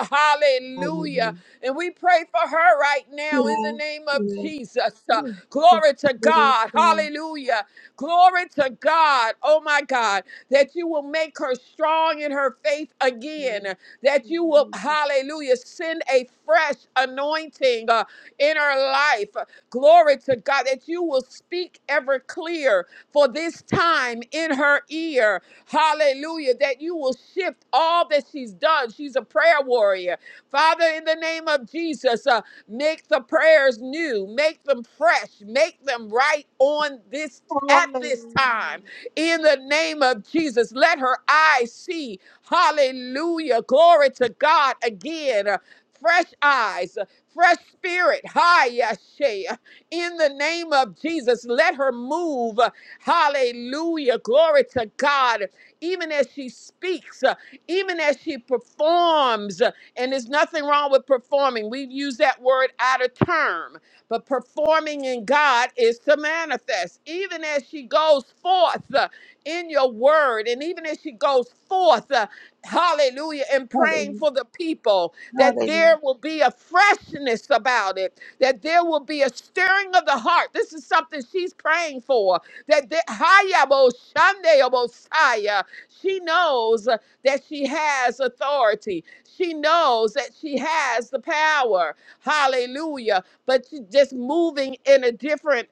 hallelujah, Hallelujah. hallelujah. And we pray for her right right now in the yeah, name of yeah. Jesus. Uh, glory to God. Hallelujah. Glory to God. Oh my God. That you will make her strong in her faith again. That you will, hallelujah, send a fresh anointing uh, in her life. Glory to God. That you will speak ever clear for this time in her ear. Hallelujah hallelujah, that you will shift all that she's done. She's a prayer warrior. Father, in the name of Jesus, uh, make the prayers new, make them fresh, make them right on this at this time. In the name of Jesus, let her eyes see. Hallelujah. Glory to God again. Uh, fresh eyes, uh, fresh spirit. Hi, Yashe in the name of Jesus. Let her move. Hallelujah. Glory to God. Even as she speaks, uh, even as she performs, uh, and there's nothing wrong with performing. We've used that word out of term, but performing in God is to manifest. Even as she goes forth uh, in your word, and even as she goes forth, uh, Hallelujah. And praying for the people that there will be a freshness about it, that there will be a stirring of the heart. This is something she's praying for. That there, Hayabo Shande Obosaya. she knows uh, that she has authority. She knows that she has the power. Hallelujah. But she's just moving in a different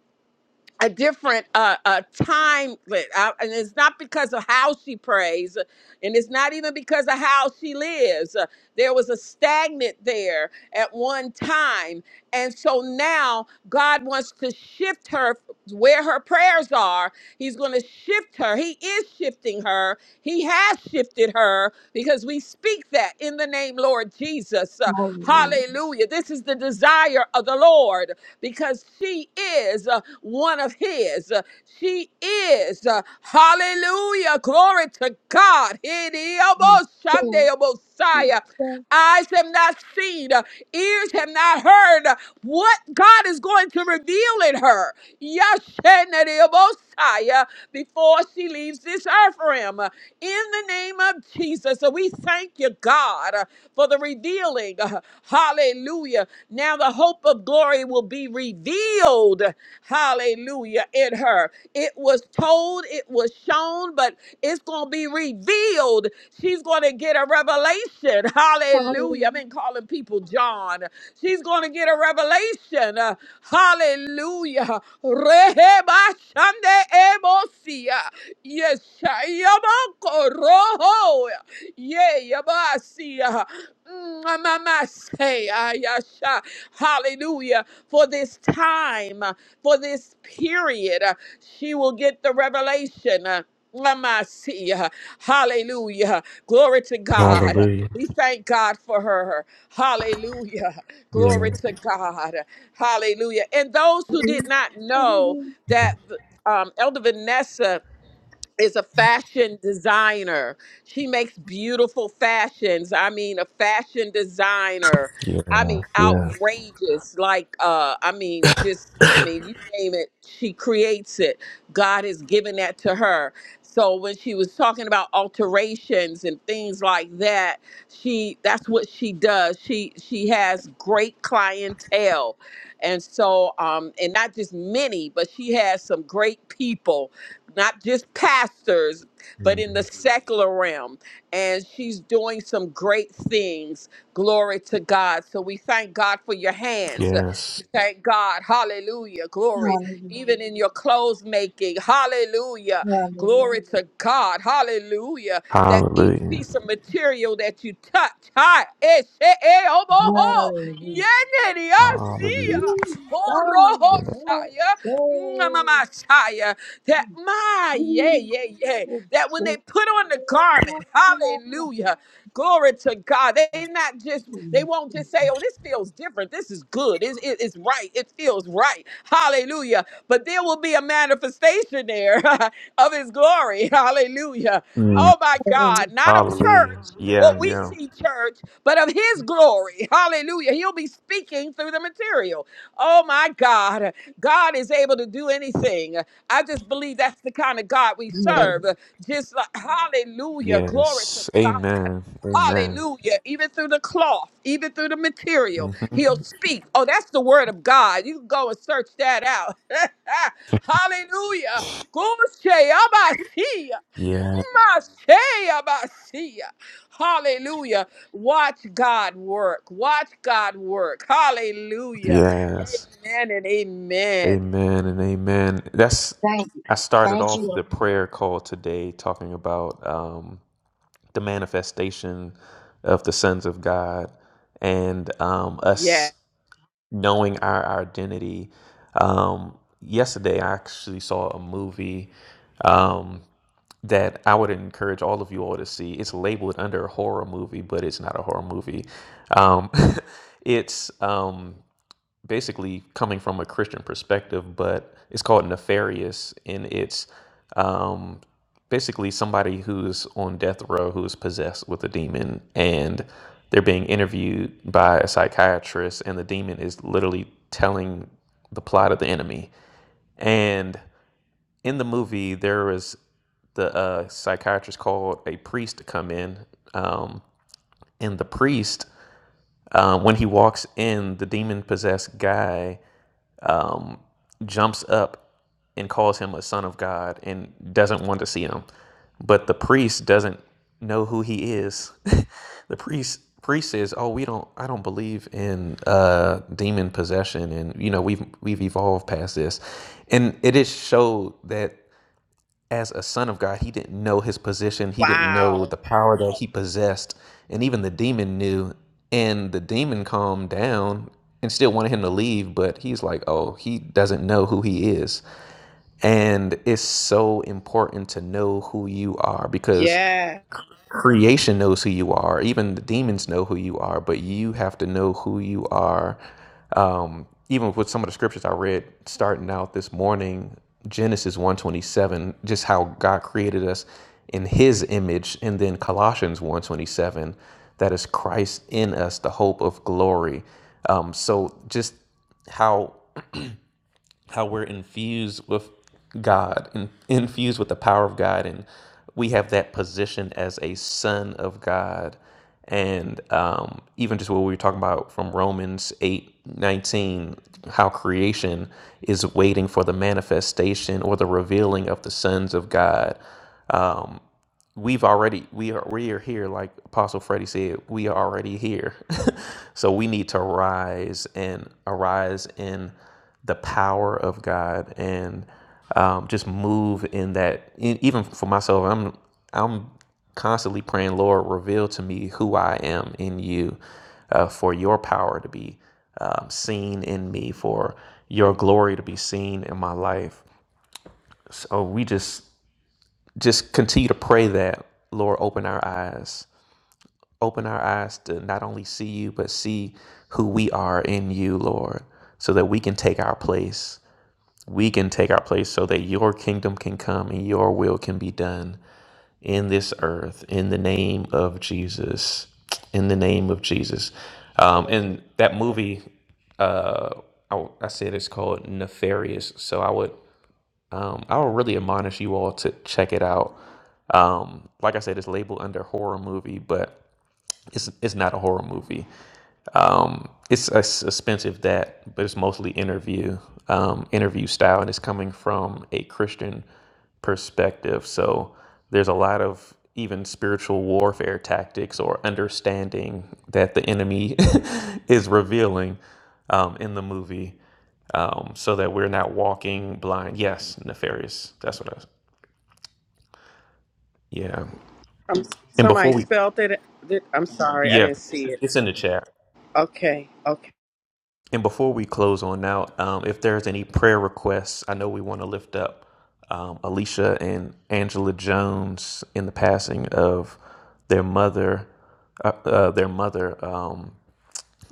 a different uh, uh, time, li- uh, and it's not because of how she prays, uh, and it's not even because of how she lives. Uh, There was a stagnant there at one time, and so now God wants to shift her f- where her prayers are. He's going to shift her. He is shifting her. He has shifted her because we speak that in the name Lord Jesus. Uh, hallelujah! This is the desire of the the Lord because she is uh, one of His. She is, uh, hallelujah, glory to God. Messiah. Eyes have not seen, uh, ears have not heard uh, what God is going to reveal in her. Yes, Messiah before she leaves this earth realm. In the name of Jesus, so we thank you, God, uh, for the revealing. Uh, Hallelujah. Now the hope of glory will be revealed. Hallelujah. In her. It was told, it was shown, but it's going to be revealed. She's going to get a revelation. Hallelujah. I've been calling people John. She's going to get a revelation. Uh, hallelujah. Rehebashande ebosia. Yes, Yabako Roho. Yeah, Yabasia. Mm, Mama say, ah, yasha. Hallelujah. For this time, uh, for this period, uh, she will get the revelation. Lamasia. Hallelujah. Glory to God. Hallelujah. We thank God for her. Hallelujah. Yeah. Glory to God. Hallelujah. And those who did not know that um, Elder Vanessa is a fashion designer. She makes beautiful fashions. I mean, a fashion designer. I Yeah. mean, Yeah. outrageous. Like, uh, I mean, just, I mean, you name it, she creates it. God has given that to her. So when she was talking about alterations and things like that, she that's what she does. She she has great clientele. And so um and not just many, but she has some great people not just pastors, but Mm. in the secular realm. And she's doing some great things. Glory to God. So we thank God for your hands. Yes. We thank God. Hallelujah. Glory. Even in your clothes making. Hallelujah. Glory to God. Hallelujah. That each Hallelujah. piece of material that you touch, hi, eh, she- eh, oh, oh, oh, yeneri, I see ya. Hallelujah. Ho, ro, ho, shaya, mm, mama, shaya. That my yeah, yeah, yeah. That when they so put on the garment, hallelujah. Glory to God. They not just they won't just say, "Oh, this feels different. This is good. It's, it- it's right. It feels right." Hallelujah. But there will be a manifestation there of His glory. Hallelujah. Mm. Oh my God! Not of Hallelujah. church, Yeah. what we Yeah. see church, but of His glory. Hallelujah. He'll be speaking through the material. Oh my God! God is able to do anything. I just believe that's the kind of God we serve. Just like, hallelujah, glory to Yes. God. Amen. Amen. Hallelujah. Even through the cloth, even through the material, hmm he'll speak. Oh, that's the word of God. You can go and search that out. Hallelujah. Gusheyabasia, Yeah. masheyabasia. Hallelujah. Watch God work. Watch God work. Hallelujah. Yes. Amen and amen. Amen and amen. That's Thank you. I started Thank off you, the prayer call today talking about um the manifestation of the sons of God and um, Yeah. us knowing our our identity. Um, yesterday, I actually saw a movie um, that I would encourage all of you all to see. It's labeled under a horror movie, but it's not a horror movie. Um, it's um, basically coming from a Christian perspective, but it's called nefarious, and it's um, basically somebody who's on death row who's possessed with a demon, and they're being interviewed by a psychiatrist, and the demon is literally telling the plot of the enemy. And in the movie, there was the uh, psychiatrist called a priest to come in, um, and the priest, um, when he walks in, the demon possessed guy jumps up and calls him a son of God and doesn't want to see him. But the priest doesn't know who he is. the priest priest says, "Oh, we don't. I don't believe in uh, demon possession, and you know we've we've evolved past this." And it is showed that as a son of God, he didn't know his position. He didn't know Wow. the power that he possessed. And even the demon knew. And the demon calmed down and still wanted him to leave. But he's like, oh, he doesn't know who he is. And it's so important to know who you are because Yeah. creation knows who you are even the demons know who you are but you have to know who you are um, even with some of the scriptures i read starting out this morning genesis 127 just how god created us in his image and then colossians 127 that is christ in us the hope of glory um, so just how how we're infused with God and infused with the power of God, and we have that position as a son of God. And um, even just what we were talking about from Romans eight nineteen, how creation is waiting for the manifestation or the revealing of the sons of God we've already we are we are here like apostle freddie said we are already here so we need to rise and arise in the power of god and um, just move in that e- even for myself i'm i'm constantly praying lord reveal to me who i am in you uh, for your power to be um, seen in me for your glory to be seen in my life so we just just continue to pray that, Lord, open our eyes. Open our eyes to not only see you, but see who we are in you, Lord, so that we can take our place. We can take our place so that your kingdom can come and your will can be done in this earth in the name of Jesus. In the name of Jesus. Um, Hallelujah. and that movie, uh, I, I said it's called Nefarious. So I would um, I would really admonish you all to check it out. Um, like I said, it's labeled under horror movie, but it's it's not a horror movie. Um, it's a s- expensive that, but it's mostly interview, um, interview style, and it's coming from a Christian perspective. So there's a lot of even spiritual warfare tactics or understanding that the enemy is revealing um, in the movie, um, so that we're not walking blind. Yes, nefarious. That's what I. Yeah. i And somebody before we, spelled it. it- I'm sorry, I yeah, didn't see it. it's in the chat. Okay, okay. And before we close on out, um, if there's any prayer requests, I know we want to lift up um, Alicia and Angela Jones in the passing of their mother, uh, uh, their mother, um,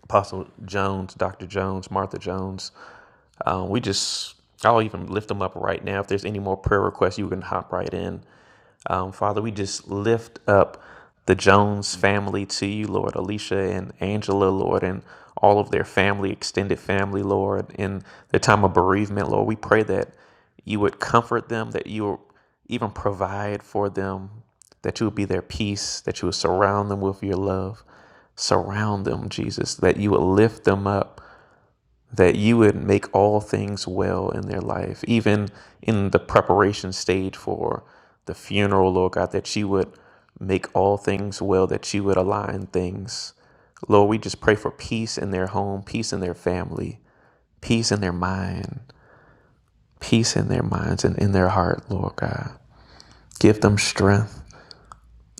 Apostle Jones, Dr. Jones, Martha Jones. Um, we just, I'll even lift them up right now. If there's any more prayer requests, you can hop right in. Um, Father, we just lift up the Jones family to you, Lord. Alicia and Angela, Lord, and all of their family, extended family, Lord, in their time of bereavement, Lord. We pray that you would comfort them, that you would even provide for them, that you would be their peace, that you would surround them with your love. Surround them, Jesus, that you would lift them up, that you would make all things well in their life, even in the preparation stage for the funeral, Lord God, that you would make all things well, that you would align things. Lord, we just pray for peace in their home, peace in their family, peace in their mind peace in their minds and in their heart, Lord God. Give them strength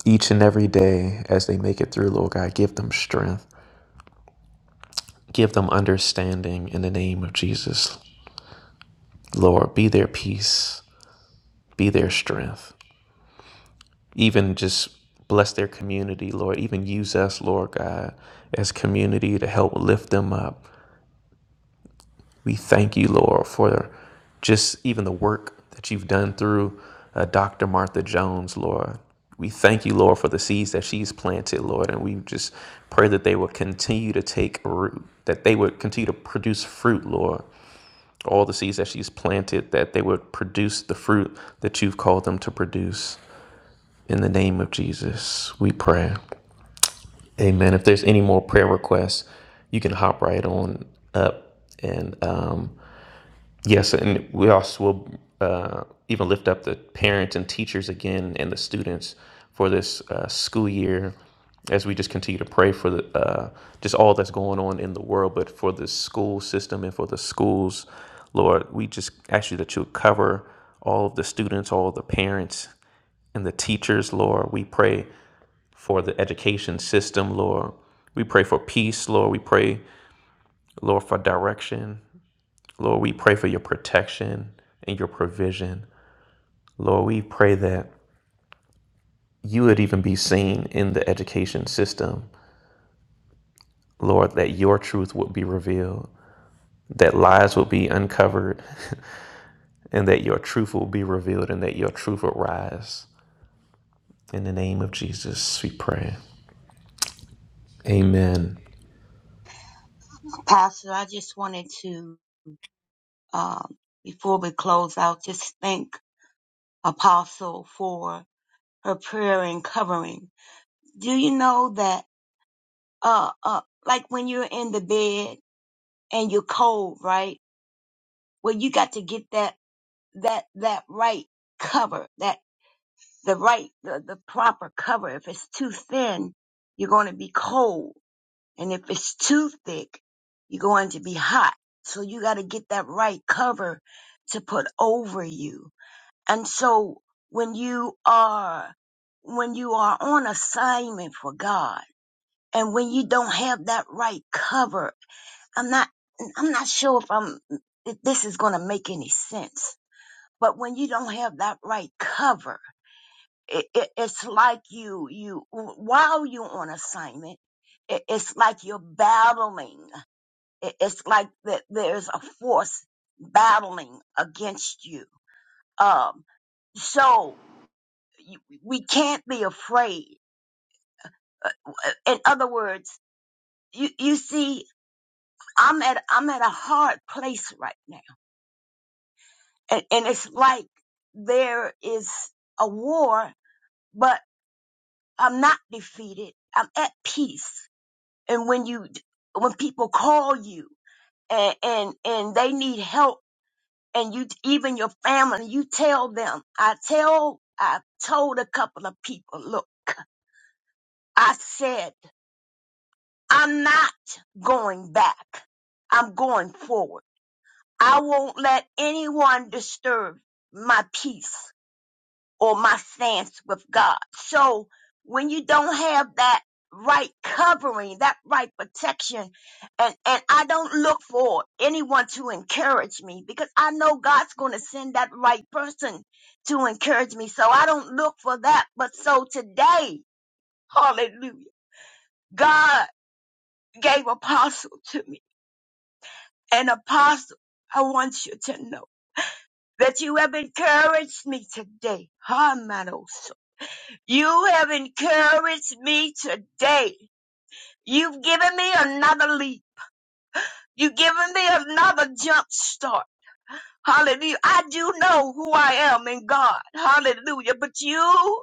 each and every day as they make it through, Lord God. Give them strength. Give them understanding in the name of Jesus. Lord, be their peace, be their strength. Even just bless their community, Lord. Even use us, Lord God, as community to help lift them up We thank you, Lord, for just even the work that you've done through uh, Dr. Martha Jones, Lord. We thank you, Lord, for the seeds that she's planted, Lord, and we just pray that they will continue to take root, that they would continue to produce fruit, Lord. All the seeds that she's planted, that they would produce the fruit that you've called them to produce. In the name of Jesus, we pray. Amen. If there's any more prayer requests, you can hop right on up and um, Yes, and we also will uh, even lift up the parents and teachers again and the students for this uh, school year as we just continue to pray for the, uh, just all that's going on in the world, but for the school system and for the schools, Lord, we just ask you that you cover all of the students, all of the parents, and the teachers, Lord. We pray for the education system, Lord. We pray for peace, Lord. We pray, Lord, for direction. Lord, we pray for your protection and your provision. Lord, we pray that you would even be seen in the education system. Lord, that your truth would be revealed, that lies would be uncovered, and that your truth will be revealed, and that your truth will rise. In the name of Jesus, we pray. Amen. Pastor. I just wanted to. um, before we close out, just thank Apostle for her prayer and covering. Do you know that, uh, uh, like when you're in the bed and you're cold, right? Well, you got to get that, that, that right cover, that, the right, the, the proper cover. If it's too thin, you're going to be cold. And if it's too thick, you're going to be hot. So you got to get that right cover to put over you And so when you are when you are on assignment for God and when you don't have that right cover, I'm not I'm not sure if I'm if this is going to make any sense. But when you don't have that right cover, it, it, it's like you you while you're on assignment, it, it's like you're battling. It, it's like that there's a force battling against you. Um, so you, we can't be afraid. Uh, uh, In other words, you, you see, I'm at I'm at a hard place right now, and, and it's like there is a war, but I'm not defeated. I'm at peace. And when you when people call you and and, and they need help, and you even your family, you tell them. I tell I told a couple of people. Look, I said. I'm not going back. I'm going forward. I won't let anyone disturb my peace or my stance with God. So when you don't have that right covering, that right protection, and, and I don't look for anyone to encourage me because I know God's going to send that right person to encourage me. So I don't look for that. But so today, hallelujah, God gave apostle to me And apostle, I want you to know that you have encouraged me today. Hermanos, you have encouraged me today. You've given me another leap. You've given me another jump start. Hallelujah. I do know who I am in God. Hallelujah. But you,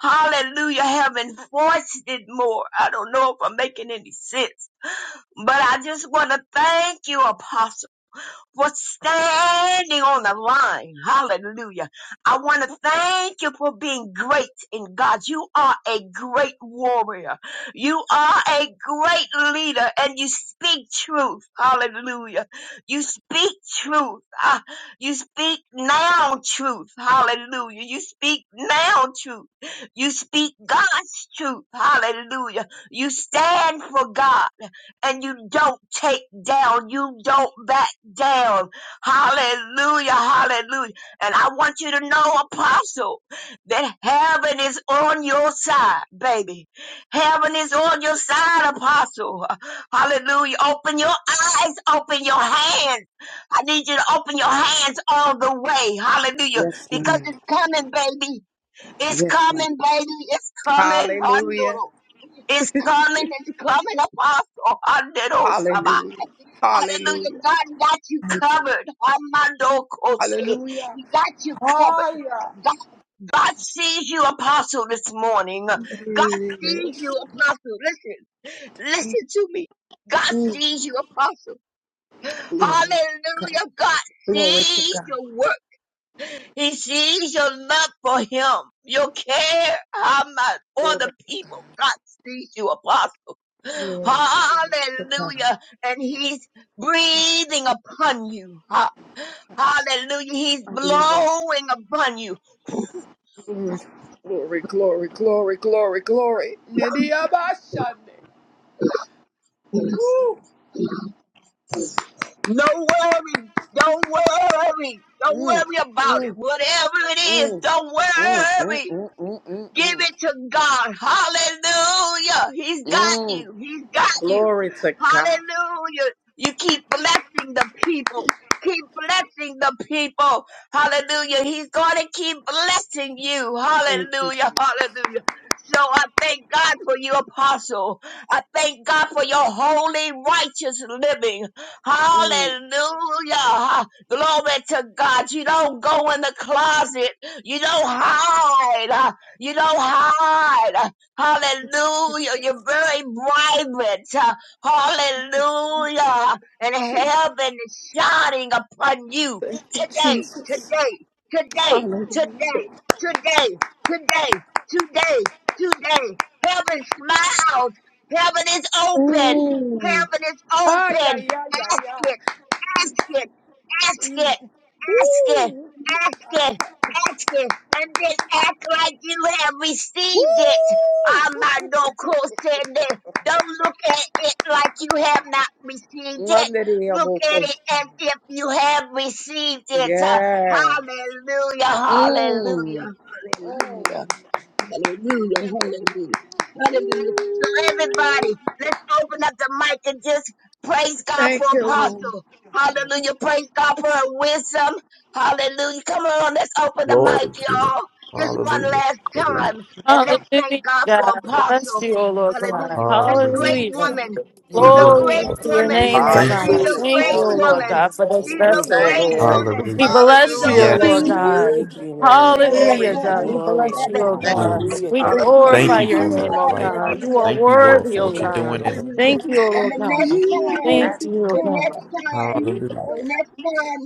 hallelujah, have enforced it more. I don't know if I'm making any sense, but I just want to thank you, Apostle. for standing on the line. Hallelujah. I want to thank you for being great in God. You are a great warrior. You are a great leader and you speak truth. Hallelujah. You speak truth. Ah, you speak now truth. Hallelujah. You speak now truth. You speak God's truth. Hallelujah. You stand for God and you don't take down. You don't back down. Hallelujah. Hallelujah. And I want you to know, apostle, that heaven is on your side, baby. Heaven is on your side, apostle. Hallelujah. Open your eyes, open your hands. I need you to open your hands all the way. Hallelujah. Yes, Because ma'am. it's coming, baby. It's Yes, ma'am. coming, baby. It's coming. Hallelujah. It's coming, it's coming, Apostle. Handerosaba. Hallelujah. Hallelujah. Hallelujah. God got you Thank you. covered. Hamandokose. Hallelujah. He got you covered. Hallelujah. God, God sees you, Apostle, this morning. God sees you, Apostle. Listen, listen to me. God sees you, Apostle. Hallelujah. God Glory to sees God. your work. He sees your love for him, your care, how much for the people. God sees you, apostle. God. Hallelujah. And he's breathing upon you. Ha- Hallelujah. He's I give you blowing upon you. Glory, glory, glory, glory, glory, glory. Nidiabashande. Woo. No worry. Don't worry. Don't Mm, worry about it. mm, Whatever it is, mm, don't mm, mm, mm, worry. mm, mm, Give mm. it to God. Hallelujah. He's got Mm. you. He's got you. Glory to God. Hallelujah. You keep blessing the people. Keep blessing the people. Hallelujah. He's going to keep blessing you. Thank you, Hallelujah. Hallelujah. So I thank God for you, Apostle. I thank God for your holy, righteous living. Mm, Hallelujah. Glory to God. You don't go in the closet. You don't hide. You know, not Hallelujah. Jesus, You're very vibrant. Hallelujah. And Jesus, heaven is shining upon you thank you, today, today, Jesus. today, Hallelujah. today, today, today, today, today. Heaven smiles. Heaven is open. Mm. Heaven is Ah, yeah, open. yeah, yeah, Ask yeah. it, ask it, ask it. Ask it, Woo, ask it, ask it, and then act like you have received it. woo. Amandoko said that. Don't look at it like you have not received it. Hallelujah, Look at it Bokos. as if you have received it. Yeah. Hallelujah, hallelujah, Mm. Mm. hallelujah. Hallelujah, hallelujah, hallelujah. So everybody, let's open up the mic and just praise God for Thank you, Lord. Apostle. Hallelujah, praise God for her wisdom. Hallelujah. Come on, let's open the Glory mic, to your name. y'all. Just one Hallelujah. last Hallelujah. time. And let's thank Hallelujah, God for God. Bless Apostle. you, O Lord God. Hallelujah. This great Hallelujah. Hallelujah. woman. She's Thank a you, Glory great Lord. to your woman. name, Hallelujah. O Thank you. God. She's a Hallelujah. Thank you, great Thank O Glory, you, Lord woman. God, Jesus. God, for for this the She's a vessel, wisdom, O Thank oh great you, Lord. Jesus. God, woman. We Hallelujah. She's bless a you, O Hallelujah. knowledge, Yes. great Lord oh God. God. woman. You Thank you, She's Lord. a great We Glory, Hallelujah, give you God. Jesus. woman. We glory, bless oh you, O God. Thank you, Hallelujah. Lord. Yes. God. Hallelujah. We Um, Thank Hallelujah. you for our Hallelujah. Thank glorify are you God. your for Awesome her name, O life, Lord. God. Father, You Hallelujah. are Thank you, Lord, worthy, for O what Hallelujah. you're Thank you, doing God. in her Lord. life. Hallelujah. Thank you, O And Lord the God. next you are time, Thank worthy, you, O the God. next God. time, You Hallelujah. the are- next time,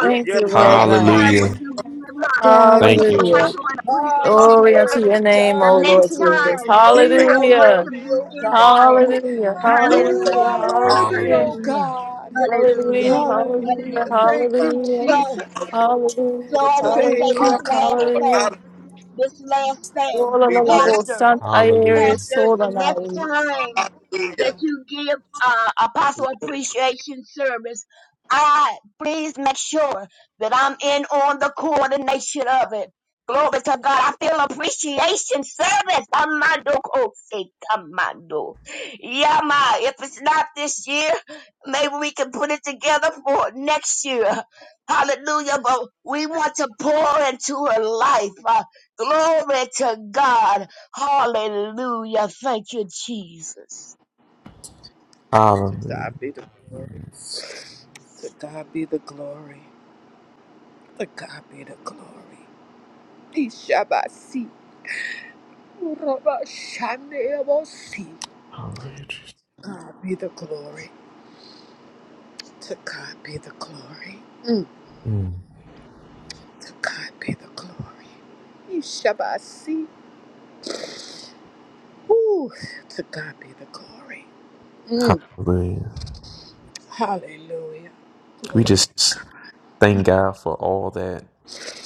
With Thank your you, the Lord love, next time God. when Hallelujah. you give her, God when you is Thank you, give a Hallelujah. Lord. Jesus. gospel worthy. and God appreciation is Glory unto service, your worthy. name, the O God is Lord next Jesus. time, worthy. Oh, You thank I you are for want Hallelujah. to worthy, be oh in on it. God. Hallelujah, Lord. We You thank you, Hallelujah. hallelujah, are Awesome, worthy, Hallelujah. hallelujah, oh Hallelujah. God. Hallelujah. hallelujah, Hallelujah. hallelujah, Hallelujah. Thank you, hallelujah, So, Jesus. so Lord, I hallelujah, to want to say Thank this hallelujah, you, awesome, God. last Lord. thing hallelujah. Hallelujah. this last thing, Ola We la la bless. bo Pastor san Hallelujah. ayeres pastors, ola the la. next la. time that Hallelujah. you give uh, apostle appreciation service, I please make sure that I'm in on the coordination of it. Glory to God. I feel appreciation service. Amando kose kamando. Yama. If it's not this year, maybe we can put it together for next year. Hallelujah. But we want to pour into her life. Uh, glory to God. Hallelujah. Thank you, Jesus. To Hallelujah. God be the glory. To God be the glory. To God be the glory. Ishabasi. Urabashanebosi. Hallelujah, Jesus. God be the glory. To God be the glory. Mm. Mm. To God be the glory. Ishabasi. Ooh. To God be the glory. Mm. Hallelujah. Hallelujah. We Glory. just thank God for all that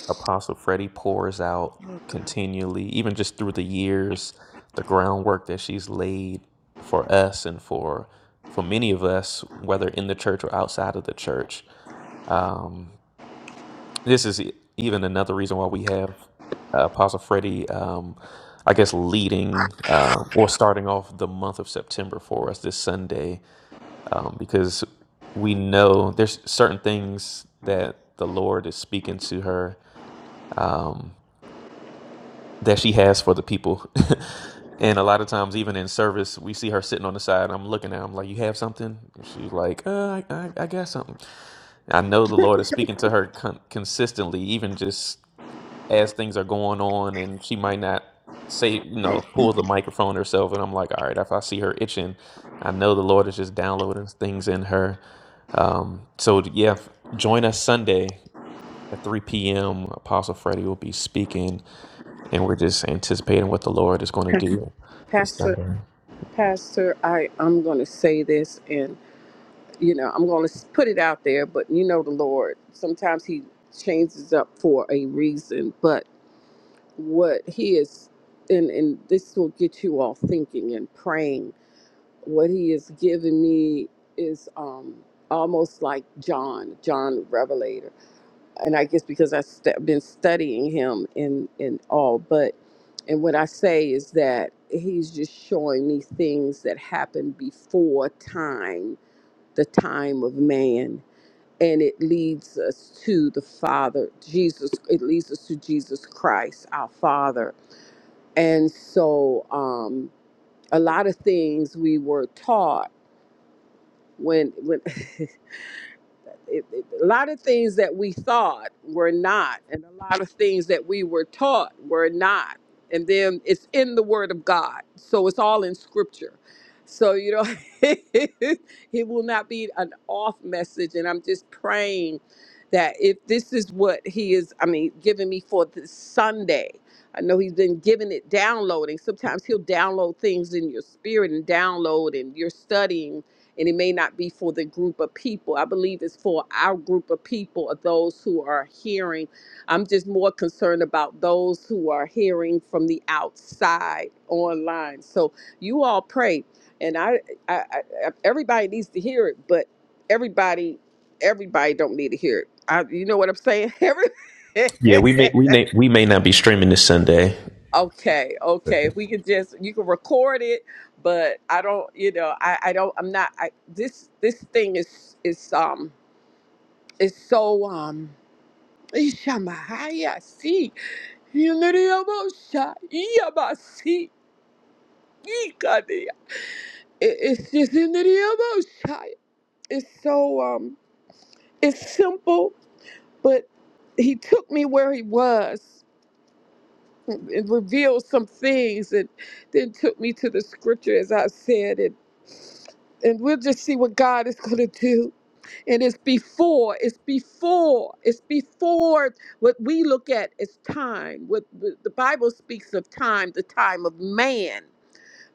Apostle Freddie pours out Oh God. continually, even just through the years, the groundwork that she's laid for us and for for many of us, whether in the church or outside of the church. Um, this is e- even another reason why we have uh, Apostle Freddie, um, I guess, leading uh, or starting off the month of September for us this Sunday, um, because we know there's certain things that the Lord is speaking to her um, that she has for the people. And a lot of times, even in service, we see her sitting on the side. And I'm looking at her. I'm like, "You have something?" And she's like, uh, "I, I, I got something." I know the Lord is speaking to her con- consistently, even just as things are going on and she might not say you know pull the microphone herself and i'm like all right if i see her itching i know the lord is just downloading things in her um, so yeah join us sunday at 3 p.m apostle freddie will be speaking and we're just anticipating what the lord is going to do this Pastor, sunday Pastor, I, I'm going to say this and, you know, I'm going to put it out there, but you know the Lord, sometimes he changes up for a reason, but what he is, and, and this will get you all thinking and praying, what he is giving me is um, almost like John, John Revelator. and I guess because I've st- been studying him and and all, but and what I say is that he's just showing me things that happened before time, the time of man, and it leads us to the Father, Jesus. It leads us to Jesus Christ, our Father, and so um, a lot of things we were taught when when. it, it- a lot of things that we thought were not, and a lot of things that we were taught were not. And then it's in the Word of God, so it's all in Scripture. So you know, it will not be an off message. And I'm just praying that if this is what He is, I mean, giving me for this Sunday. I know he's been giving it downloading. Sometimes he'll download things in your spirit and download, and you're studying and it may not be for the group of people. I believe it's for our group of people, of those who are hearing. I'm just more concerned about those who are hearing from the outside online. So you all pray, and I, I, I I- everybody needs to hear it, but everybody, everybody don't need to hear it. I, you know what I'm saying? Every, yeah we may we may we may not be streaming this sunday Okay, okay. If we could just you can record it, but I don't, you know, I I don't I'm not I this this thing is is um is so um Ishamahaya see Yunariyabosha Yabasi Yikadi. It- It's just in the Yabosha. It's so um it's simple, but he took me where he was it it revealed some things and then took me to the scripture as I said and and we'll just see what God is going to do. And it's before, it's before, it's before what we look at is time. What what the Bible speaks of time, the time of man,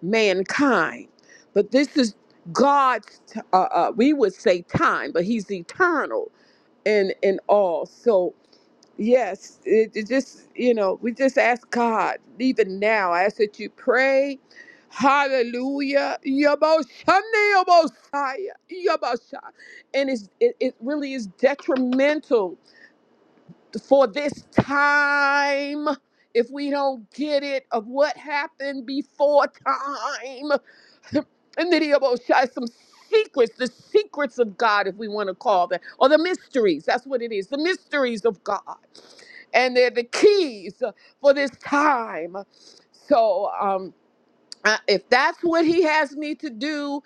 mankind. But this is God's, t- uh, uh, we would say time, but He's eternal and in in all. So Yes, it, it just, you know, we just ask God, even now, I ask that you pray. Hallelujah. Yaboshane, Yabosaya, Yabosha. And it's, it, it really is detrimental for this time if we don't get it of what happened before time. And then he about shy some secrets, the secrets of God, if we want to call that, or the mysteries. That's what it is, the mysteries of God. And they're the keys uh, for this time. So um, I- if that's what he has me to do,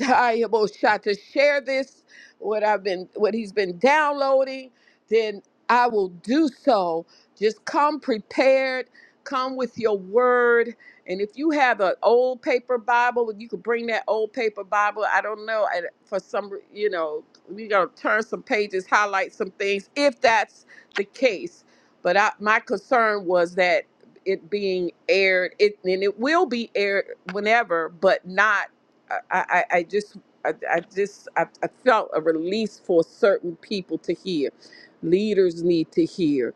I almost shot to share this, what I've been, what he's been downloading, then I will do so. Just come prepared, come with your word. And if you have an old paper Bible, you could bring that old paper Bible. I don't know. and For some, re- you know, we're going to turn some pages, highlight some things, if that's the case. But I, my concern was that it being aired, it, and it will be aired whenever, but not I, I, I just I, I just I, I felt a release for certain people to hear. Leaders need to hear.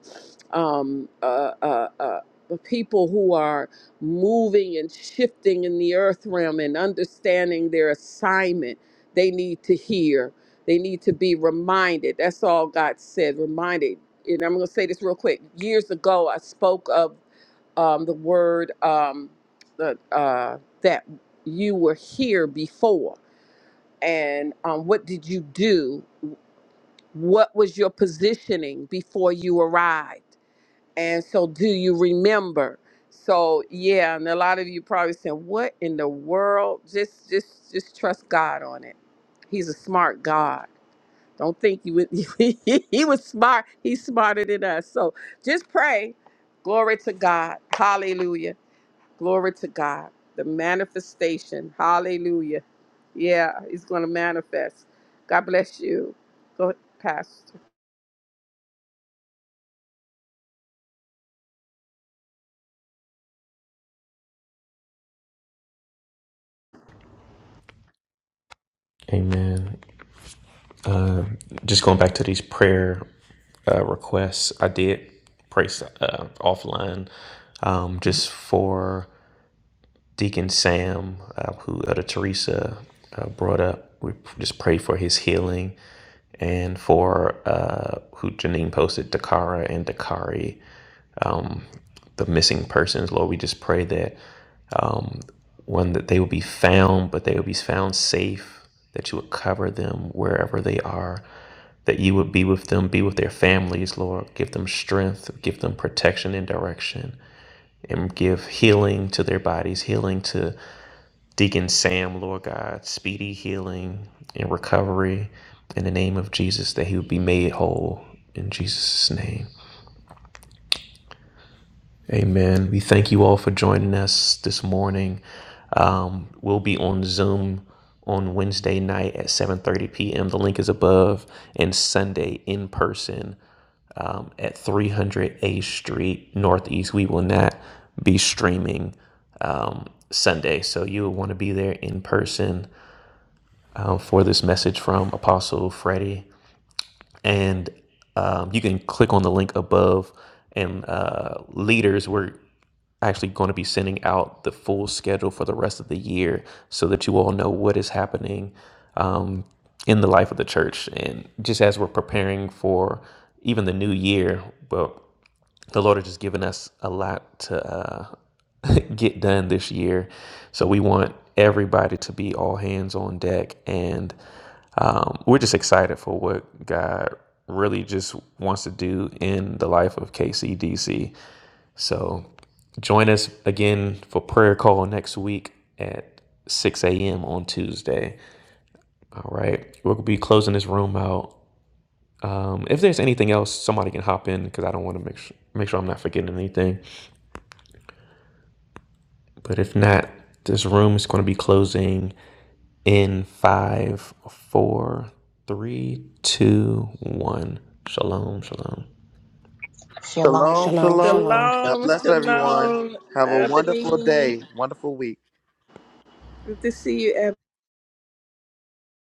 Um, uh, uh, uh, the people who are moving and shifting in the earth realm and understanding their assignment, they need to hear. They need to be reminded. That's all God said. Reminded. And I'm going to say this real quick. Years ago, I spoke of um, the word um, the, uh, that you were here before and um, what did you do? What was your positioning before you arrived? And so, do you remember? So, yeah, and a lot of you probably saying, "What in the world?" Just, just, just trust God on it. He's a smart God. Don't think he was, he was smart. He's smarter than us. So, just pray. Glory to God. Hallelujah. Glory to God. The manifestation. Hallelujah. Yeah, he's going to manifest. God bless you. Go ahead, Pastor. amen Uh, just going back to these prayer uh, requests, I did pray uh, offline um, just for Deacon Sam, uh, who Elder Teresa uh, brought up. We just prayed for his healing and for uh, who Janine posted, Dakara and Dakari, the missing persons. Lord, we just pray that um, one that they will be found, but they will be found safe, that you would cover them wherever they are, that you would be with them, be with their families, Lord. Give them strength, give them protection and direction, and give healing to their bodies, healing to Deacon Sam, Lord God, speedy healing and recovery in the name of Jesus, that he would be made whole in Jesus' name. Amen. We thank you all for joining us this morning. Um, we'll be on Zoom on Wednesday night at 7:30 p.m. The link is above, and Sunday in person at 300 A Street Northeast. We will not be streaming Sunday, so you will want to be there in person um, for this message from Apostle Freddie. and um, you can click on the link above and uh, leaders we're actually going to be sending out the full schedule for the rest of the year so that you all know what is happening um, in the life of the church and just as we're preparing for even the new year well the Lord has just given us a lot to uh, get done this year. So we want everybody to be all hands on deck. And um, we're just excited for what God really just wants to do in the life of KCDC. So join us again for prayer call next week at 6 a.m. on Tuesday. All right. We'll be closing this room out. Um, if there's anything else, somebody can hop in because I don't want to make sure, make sure I'm not forgetting anything. But if not, this room is going to be closing in five, four, three, two, one. Shalom, shalom. Shalom. Shalom, Shalom. Shalom, shalom. shalom. God Shalom, bless everyone. shalom, Have a wonderful Ebony. day, wonderful week. Good to see you,